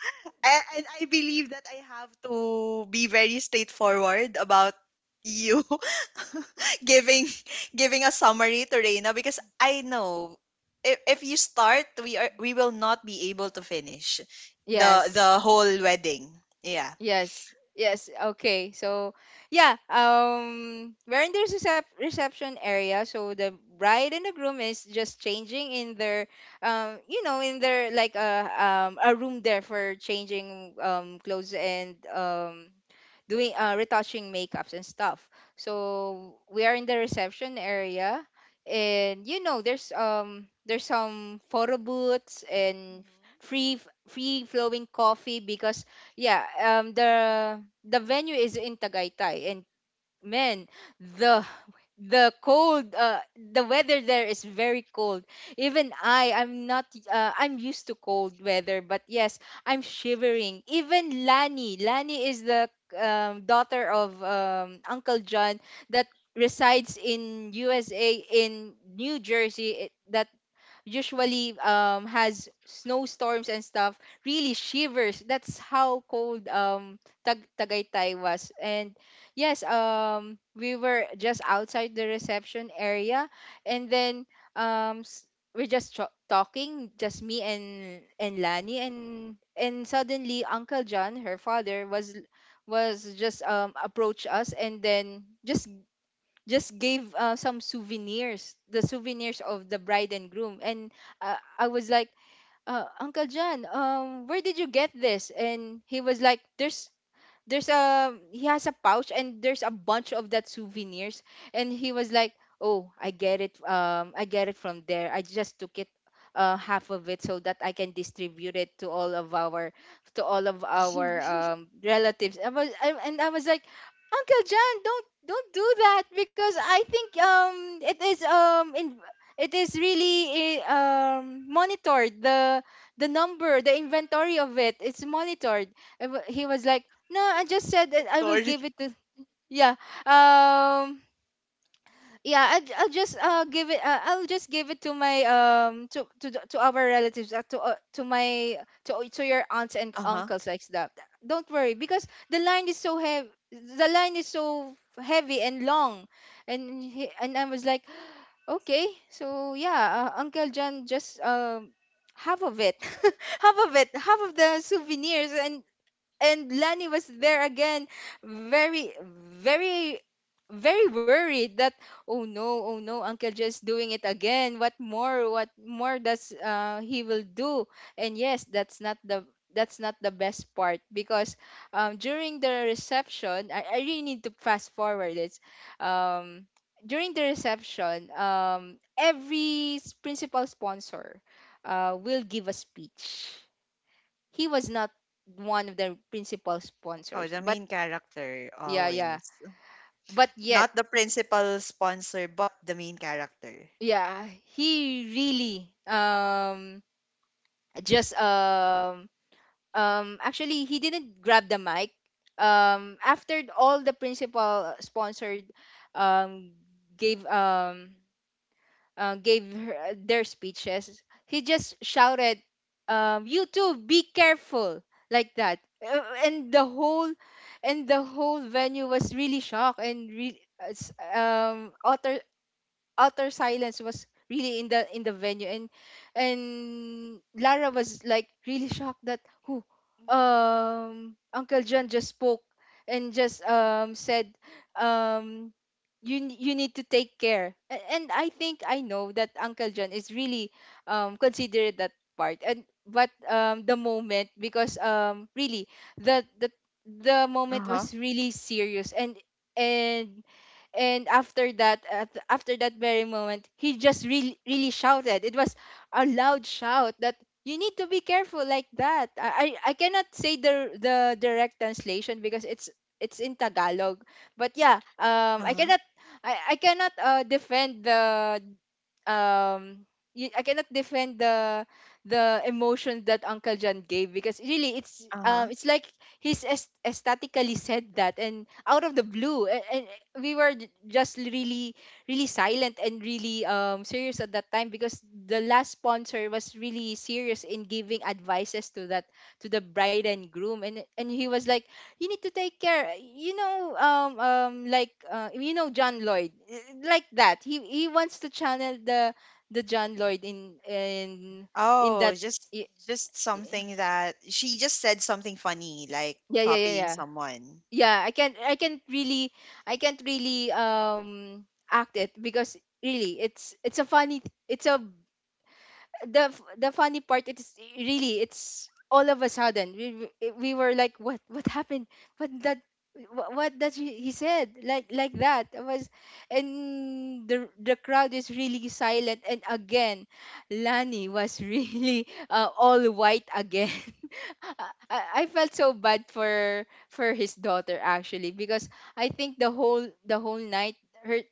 B: And I believe that I have to be very straightforward about you giving giving a summary to Reina, because I know, if you start, we will not be able to finish the
A: Yes.
B: the whole wedding. Yeah.
A: Yes. Yes. Okay. So yeah. We're in the reception area. So the bride and the groom is just changing in their you know, in their like a room there for changing clothes and doing retouching makeups and stuff. So we are in the reception area, and you know there's some photo booths and
B: Mm-hmm.
A: free free flowing coffee because yeah. The venue is in Tagaytay, and man, the the cold the weather there is very cold. Even I I'm not I'm used to cold weather, but yes, I'm shivering. Even Lani is the daughter of Uncle John that resides in USA in New Jersey, that usually has snowstorms and stuff, really shivers. That's how cold Tagaytay was. And yes, we were just outside the reception area, and then um s- we're just talking, just me and Lani, and suddenly Uncle John, her father, was just approached us, and then just gave some souvenirs, the souvenirs of the bride and groom. And I was like, "Uncle John, where did you get this?" And he was like, there's a, he has a pouch, and there's a bunch of that souvenirs. And he was like, "Oh, I get it, I get it from there. I just took it half of it so that I can distribute it to all of our to all of our relatives." And I was like, "Uncle John, don't do that, because I think it is really monitored, the number, the inventory of it, it's monitored." He was like, "No, I just said that I will
B: Inventory.
A: give it to," yeah. Um yeah, I'll just give it I'll just give it to my to to our relatives, to my to your aunts and
B: Uh-huh.
A: uncles, like that. "Don't worry, because the line is so heavy, the line is so heavy and long." And and I was like, "Okay," so yeah, Uncle John just half of it. Half of it, half of the souvenirs. And Lani was there again, very, very, very worried that, "Oh no, oh no, Uncle just doing it again. What more? What more does he will do?" And yes, that's not the best part, because during the reception, I really need to fast forward this. Um, during the reception, every principal sponsor will give a speech. He was not one of the principal
B: Oh,
A: sponsors,
B: the
A: but
B: main character
A: yeah, yeah,
B: always.
A: but yet
B: Not the principal sponsor, but the main character.
A: yeah. He really just actually he didn't grab the mic after all the principal sponsored um gave gave her, their speeches. He just shouted, "You two, be careful!" Like that. And the whole and the whole venue was really shocked, and utter, utter silence was really in the venue. And Lara was like really shocked that who
B: Hmm.
A: Uncle John just spoke and just said um you you need to take care. And I think I know that Uncle John is really considerate that part, and but the moment, because really the the the moment
B: Uh-huh.
A: was really serious. And and and after that, after that very moment, he just really really shouted. It was a loud shout that "you need to be careful," like that. I cannot say the direct translation because it's in Tagalog, but yeah, I
B: Uh-huh.
A: cannot, I cannot defend the um I cannot defend the emotion that Uncle John gave, because really
B: Uh-huh.
A: it's like he's ecstatically said that and out of the blue. And we were just really really silent and really serious at that time, because the last sponsor was really serious in giving advices to that to the bride and groom. And he was like, "You need to take care, you know, like you know, John Lloyd," like that. He wants to channel the John Lloyd in
B: Oh,
A: that.
B: just,
A: y- y-
B: something that she just said. Something funny, like
A: yeah, yeah, yeah,
B: copying
A: yeah,
B: someone.
A: yeah. I can't, I can't really, I can't really act it, because really it's a funny, it's a, the funny part, it's really, it's all of a sudden, we were like, What happened? What that, what that, he said," like that. It was, and the crowd is really silent. And again, Lani was really all white again. I, I felt so bad for his daughter actually, because I think the whole night, her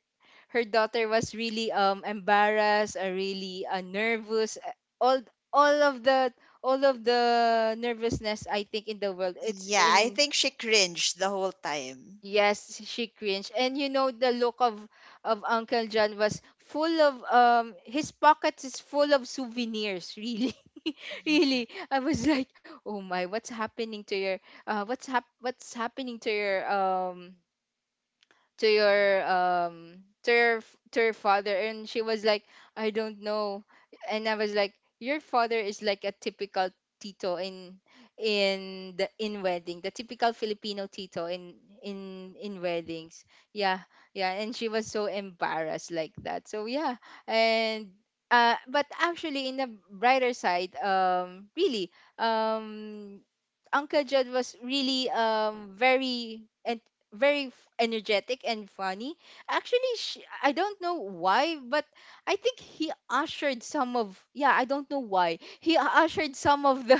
A: her daughter was really embarrassed, really nervous. All all of the all of the nervousness, I think, in the world, it's
B: Yeah, I
A: in.
B: think she cringed the whole time.
A: Yes, she cringed. And you know the look of Uncle John was full of his pockets is full of souvenirs, really.
B: Oh my god.
A: Really. I was like, "Oh my, what's happening to your what's happening to your to your to your father?" And she was like, "I don't know." And I was like, "Your father is like a typical tito in the in wedding, the typical Filipino tito in weddings." Yeah, yeah. And she was so embarrassed like that. So yeah. And but actually, in the brighter side, really, um Uncle Jed was really very energetic and funny. Actually, she, I don't know why, but I think he ushered some of, yeah, I don't know why. He ushered some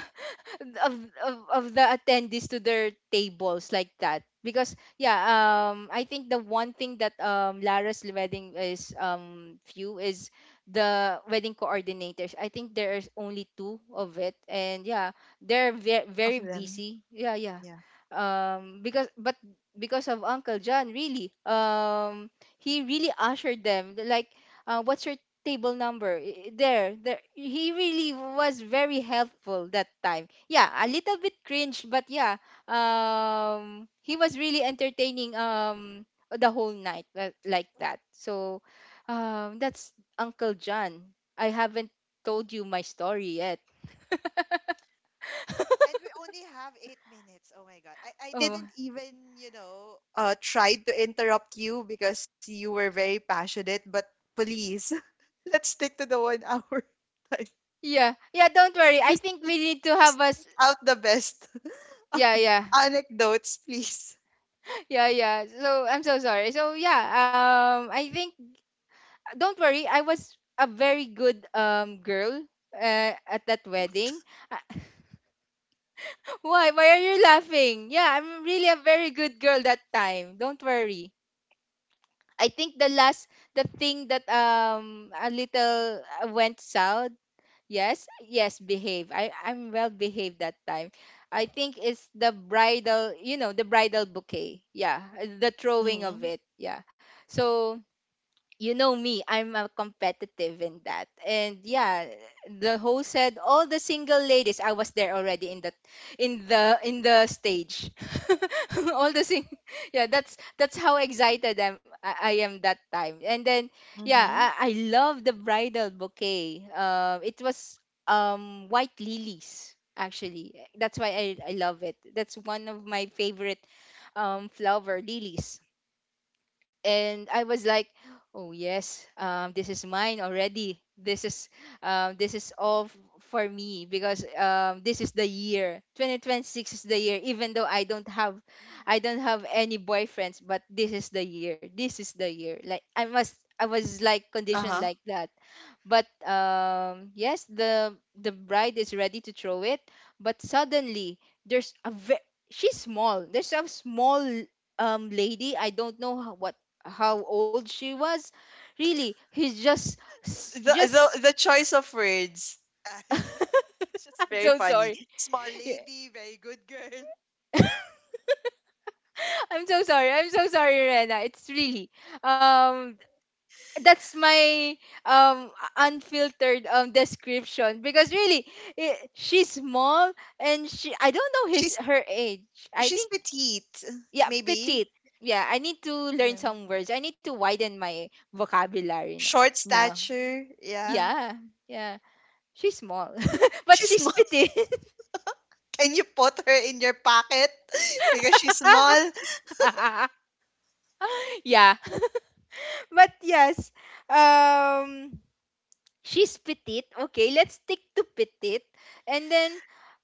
A: of of the attendees to their tables like that, because yeah, I think the one thing that Lara's wedding is few is the wedding coordinators, I think there's only two of it. And yeah, they're
B: Of
A: very
B: them.
A: busy, yeah, yeah.
B: Yeah.
A: Because but because of Uncle John, really, he really ushered them like, "What's your table number?" There, there he really was very helpful that time. Yeah, a little bit cringe, but yeah, he was really entertaining the whole night, like that. So that's Uncle John. I haven't told you my story yet.
B: And we only have 8 minutes. Oh my god. I
A: Oh,
B: didn't even, you know, tried to interrupt you because you were very passionate, but please, let's stick to the 1 hour time.
A: yeah. Yeah, don't worry. I
B: Just
A: think
B: pick,
A: we need to
B: just
A: have us.
B: pick out the best
A: Yeah, yeah.
B: anecdotes, please.
A: Yeah, yeah. So I'm so sorry. So yeah, I think, don't worry, I was a very good girl at that wedding. Why? Why are you laughing? Yeah, I'm really a very good girl that time. Don't worry. I think the last the thing that a little went south. Yes, yes, behave. I'm well behaved that time. I think it's the bridal, you know, the bridal bouquet. Yeah, the throwing
B: Mm-hmm.
A: of it. Yeah. So you know me, I'm a competitive in that. And yeah, the host said, "All the single ladies." I was there already in the in the in the stage. All the sing, yeah, that's how excited I am that time. And then yeah,
B: Mm-hmm.
A: I love the bridal bouquet. It was white lilies, actually. That's why I love it. That's one of my favorite flower, lilies. And I was like, "Oh yes, this is mine already. This is all for me, because this is the year. 2026 is the year. Even though
B: Mm-hmm.
A: I don't have any boyfriends, but this is the year. This is the year. Like I must," I was like conditioned
B: Uh-huh.
A: like that. But yes, the bride is ready to throw it, but suddenly, there's a ve- she's small. There's a small lady. I don't know how old she was. Really, he's just s-
B: The
A: just.
B: the the choice of words. And it's just
A: I'm
B: very
A: so
B: funny.
A: sorry.
B: Small lady, very good girl.
A: I'm so sorry. I'm so sorry, Rena. It's really um that's my um unfiltered description because really I she's small and she I don't know his
B: She's
A: her age. I think
B: she's petite,
A: yeah, petite.
B: maybe.
A: Yeah, I need to learn
B: Yeah.
A: some words. I need to widen my vocabulary n-
B: Short
A: no
B: stature, yeah.
A: Yeah. Yeah. She's small, but
B: She's
A: she's
B: small.
A: petite.
B: Can you put her in your pocket because she's small?
A: Yeah. But yes. Um she's petite. Okay, let's stick to petite. And then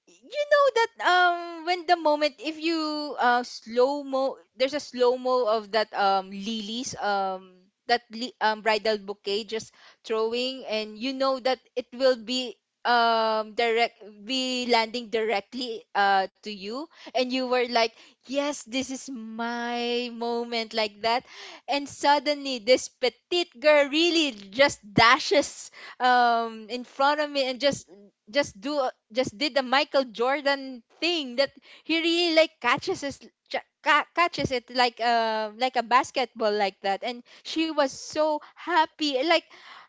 A: you know that when the moment, if you slow mo, there's a slow mo of that lilies, bridal bouquet just throwing, and you know that it will be direct be landing directly to you, and you were like, yes, this is my moment like that. And suddenly this petite girl really just dashes in front of me and just just did the Michael Jordan thing, that he really like catches his catches it like a basketball like that. And she was so happy,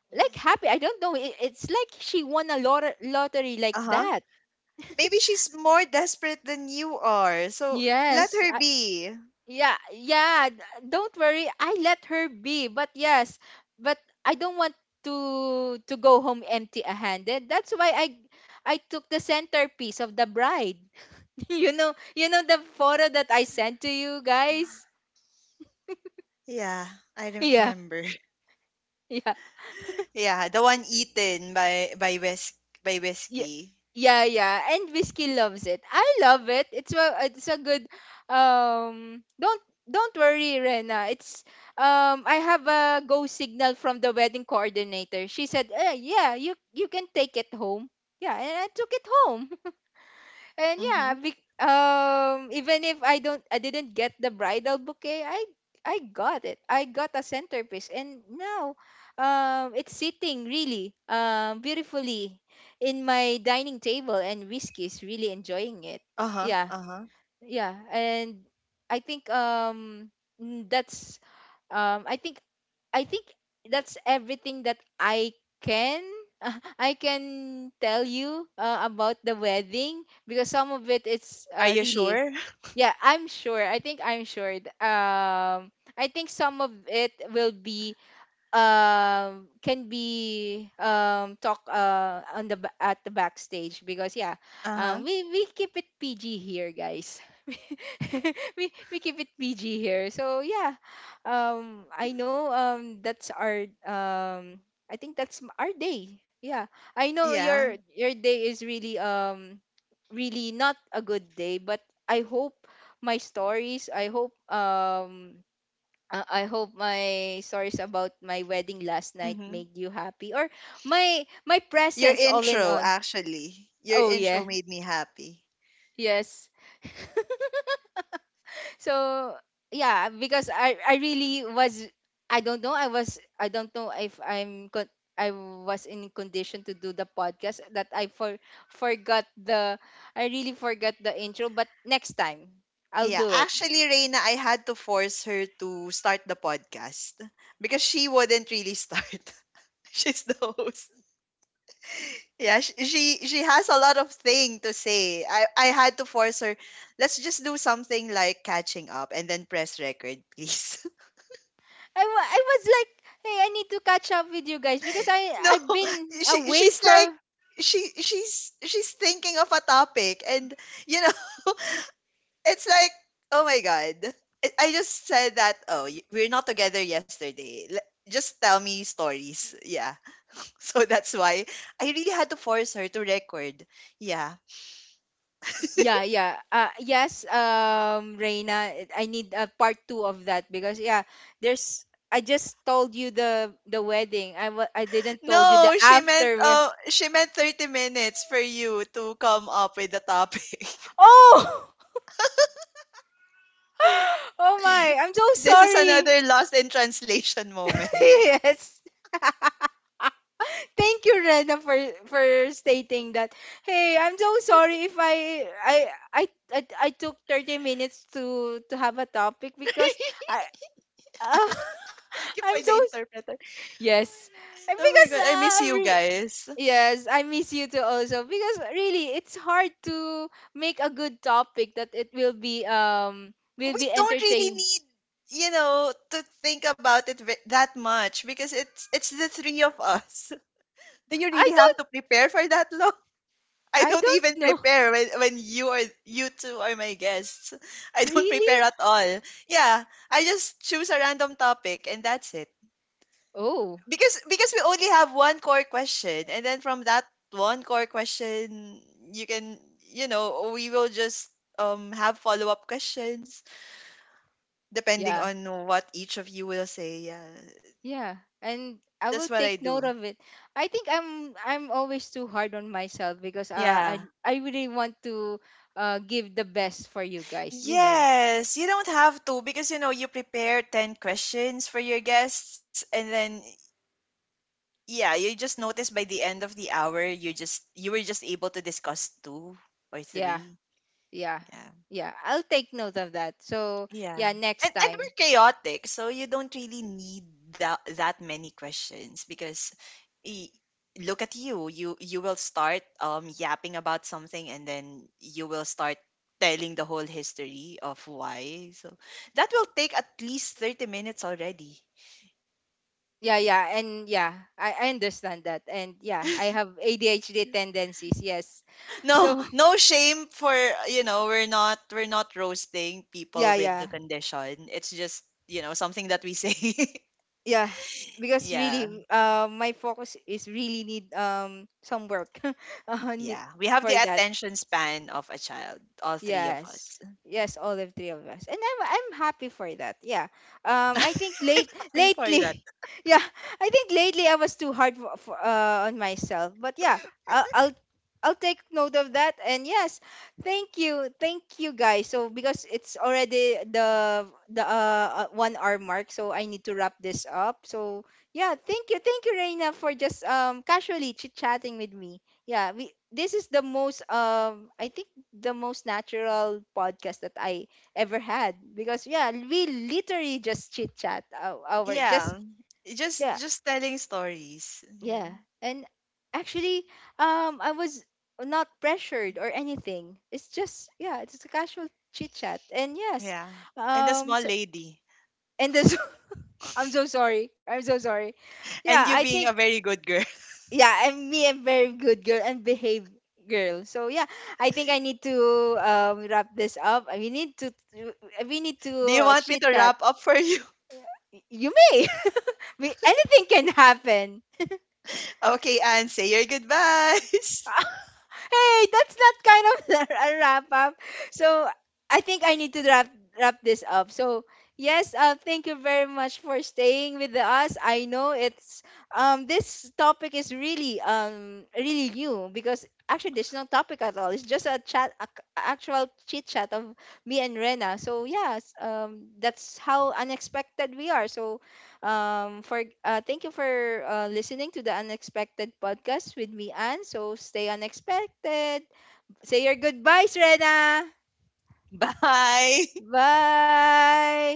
A: like happy,
B: Mm-hmm.
A: I don't know, it's like she won a lottery like
B: Uh-huh.
A: that.
B: Maybe she's more desperate than you are. So let
A: Yes.
B: her be.
A: Yeah, yeah. Don't worry. I let her be. But yes, but I don't want to go home empty-handed. That's why I took the centerpiece of the bride. You know, you know the photo that I sent to you guys.
B: Yeah, I
A: Yeah,
B: remember.
A: yeah.
B: Yeah, the one eaten by
A: Yeah,
B: Whiskey.
A: yeah, yeah. And Whiskey loves it. I love it. It's a, it's a good don't Don't worry, Rena. It's I have a go signal from the wedding coordinator. She said, eh, yeah, you can take it home. Yeah, and I took it home. And
B: Mm-hmm.
A: yeah, even if I don't, I didn't get the bridal bouquet, I got it. I got a centerpiece, and now, it's sitting really, beautifully in my dining table, and Whiskey is really enjoying it.
B: Uh-huh.
A: Yeah,
B: Uh-huh.
A: yeah, and I think that's um I think I think that's everything that I can I can tell you about the wedding because some of it it's
B: Are
A: uh,
B: you
A: really.
B: sure?
A: Yeah, I'm sure. I think I'm sure, th- I think some of it will be can be talk on the at the backstage because yeah,
B: Uh-huh.
A: we keep it PG here, guys. we we keep it PG here. So yeah, I know, that's our I think that's our day. Yeah, I know
B: Yeah.
A: your day is really really not a good day, but I hope my stories, I hope my stories about my wedding last night
B: Mm-hmm.
A: made you happy, or my
B: Your
A: presence all in
B: intro
A: all.
B: actually. Your
A: Oh
B: intro
A: yeah.
B: made me happy.
A: Yes. So yeah, because I really was, I don't know, I was, I don't know if I'm I was in condition to do the podcast, that I forgot the, I really forgot the intro. But next time I'll
B: Yeah,
A: do it.
B: actually, Reina, I had to force her to start the podcast because she wouldn't really start. She's the host. Yeah, she has a lot of thing to say. I had to force her. Let's just do something like catching up and then press record, please.
A: I was like, hey, I need to catch up with you guys because I
B: No,
A: I've been
B: she
A: away
B: she's like,
A: from.
B: she's thinking of a topic, and, you know, it's like, oh my god. I just said that, oh, we're not together yesterday. Just tell me stories. Yeah. So that's why I really had to force her to record. Yeah.
A: Yeah, yeah. Yes, Reina, I need a part two of that because yeah, there's. I just told you the wedding. I didn't told you the
B: No, she meant,
A: after.
B: she meant 30 minutes for you to come up with the topic.
A: Oh, oh my! I'm so
B: This is
A: sorry.
B: another lost in translation moment.
A: Yes. Thank you, Rena, for stating that. Hey, I'm so sorry if I I, I took 30 minutes to have a topic because I.
B: Thank you for
A: I'm
B: the
A: so.
B: interpreter. Oh my
A: Yes.
B: god. Oh my
A: Because
B: god. I miss you guys.
A: yes, I miss you too, also, because really it's hard to make a good topic that it
B: We
A: will be
B: don't really
A: entertained.
B: need, you know, to think about it that much, because it's the three of us. Do you
A: I
B: really have
A: don't
B: to prepare for that long? I
A: I
B: don't
A: don't
B: even
A: know.
B: prepare when, you are, you two are my guests. I don't
A: Really?
B: prepare at all. Yeah, I just choose a random topic and that's it,
A: Oh,
B: because we only have one core question, and then from that one core question, you can you know we will just have follow-up questions depending
A: yeah.
B: on what each of you will say. Yeah,
A: Yeah. And I
B: that's
A: will
B: what I
A: take note
B: do.
A: of it. I think I'm always too hard on myself because I
B: Yeah.
A: I really want to give the best for you guys, you know.
B: Yes, you don't have to, because, you know, you prepare 10 questions for your guests and then, yeah, you just notice by the end of the hour, you were just able to discuss two or
A: Yeah.
B: three.
A: Yeah.
B: Yeah.
A: Yeah. I'll take note of that. So,
B: Yeah.
A: yeah, next
B: And
A: time.
B: we're chaotic, so you don't really need that, that many questions, because Y- look at you will start yapping about something, and then you will start telling the whole history of why, so that will take at least 30 minutes already.
A: Yeah, yeah, and yeah, I understand that. And yeah, I have ADHD tendencies, yes.
B: No,
A: So
B: no shame for, you know, we're not roasting people
A: yeah,
B: with the
A: yeah,
B: condition, it's just, you know, something that we say.
A: yeah. Because
B: Yeah,
A: really, my focus is really need some work uh, ne-
B: yeah, we have the
A: for that.
B: attention span of a child, all three of us.
A: Yes. Yes, all of three of us. And I'm happy for that. Yeah. I think late
B: Before that,
A: Lately, yeah, I think lately I was too hard for on myself. But yeah, I'll I'll I'll take note of that. And yes, thank you. Thank you, guys. So because it's already the 1 hour mark, so I need to wrap this up. So yeah, thank you. Thank you, Reina, for just casually chit-chatting with me. Yeah, we, this is the most I think the most natural podcast that I ever had because yeah, we literally just chit chat our, just
B: yeah,
A: yeah,
B: just telling stories, yeah.
A: yeah. And actually, I was not pressured or anything. It's just, yeah, it's a casual chit chat. And yes,
B: Yeah. And a small
A: so,
B: lady.
A: and this I'm so sorry. I'm so sorry.
B: And
A: Yeah,
B: you
A: I
B: being a
A: think
B: very good girl.
A: yeah, I'm me. I'm very good girl and behave girl. So yeah, I think I need to wrap this up. We need to, we need to
B: Do you want me
A: chit
B: to
A: chat.
B: wrap up for you?
A: You may. Anything can happen.
B: Okay, Anne, say your goodbyes.
A: Hey, that's not kind of a wrap up. So I think I need to wrap this up. So yes, thank you very much for staying with us. I know it's this topic is really, really new because actually there's no topic at all. It's just a chat, actual chit chat of me and Rena. So yes, that's how unexpected we are. So for thank you for listening to the unexpected podcast with me, Anne. So stay unexpected. Say your goodbyes, Rena.
B: Bye.
A: Bye.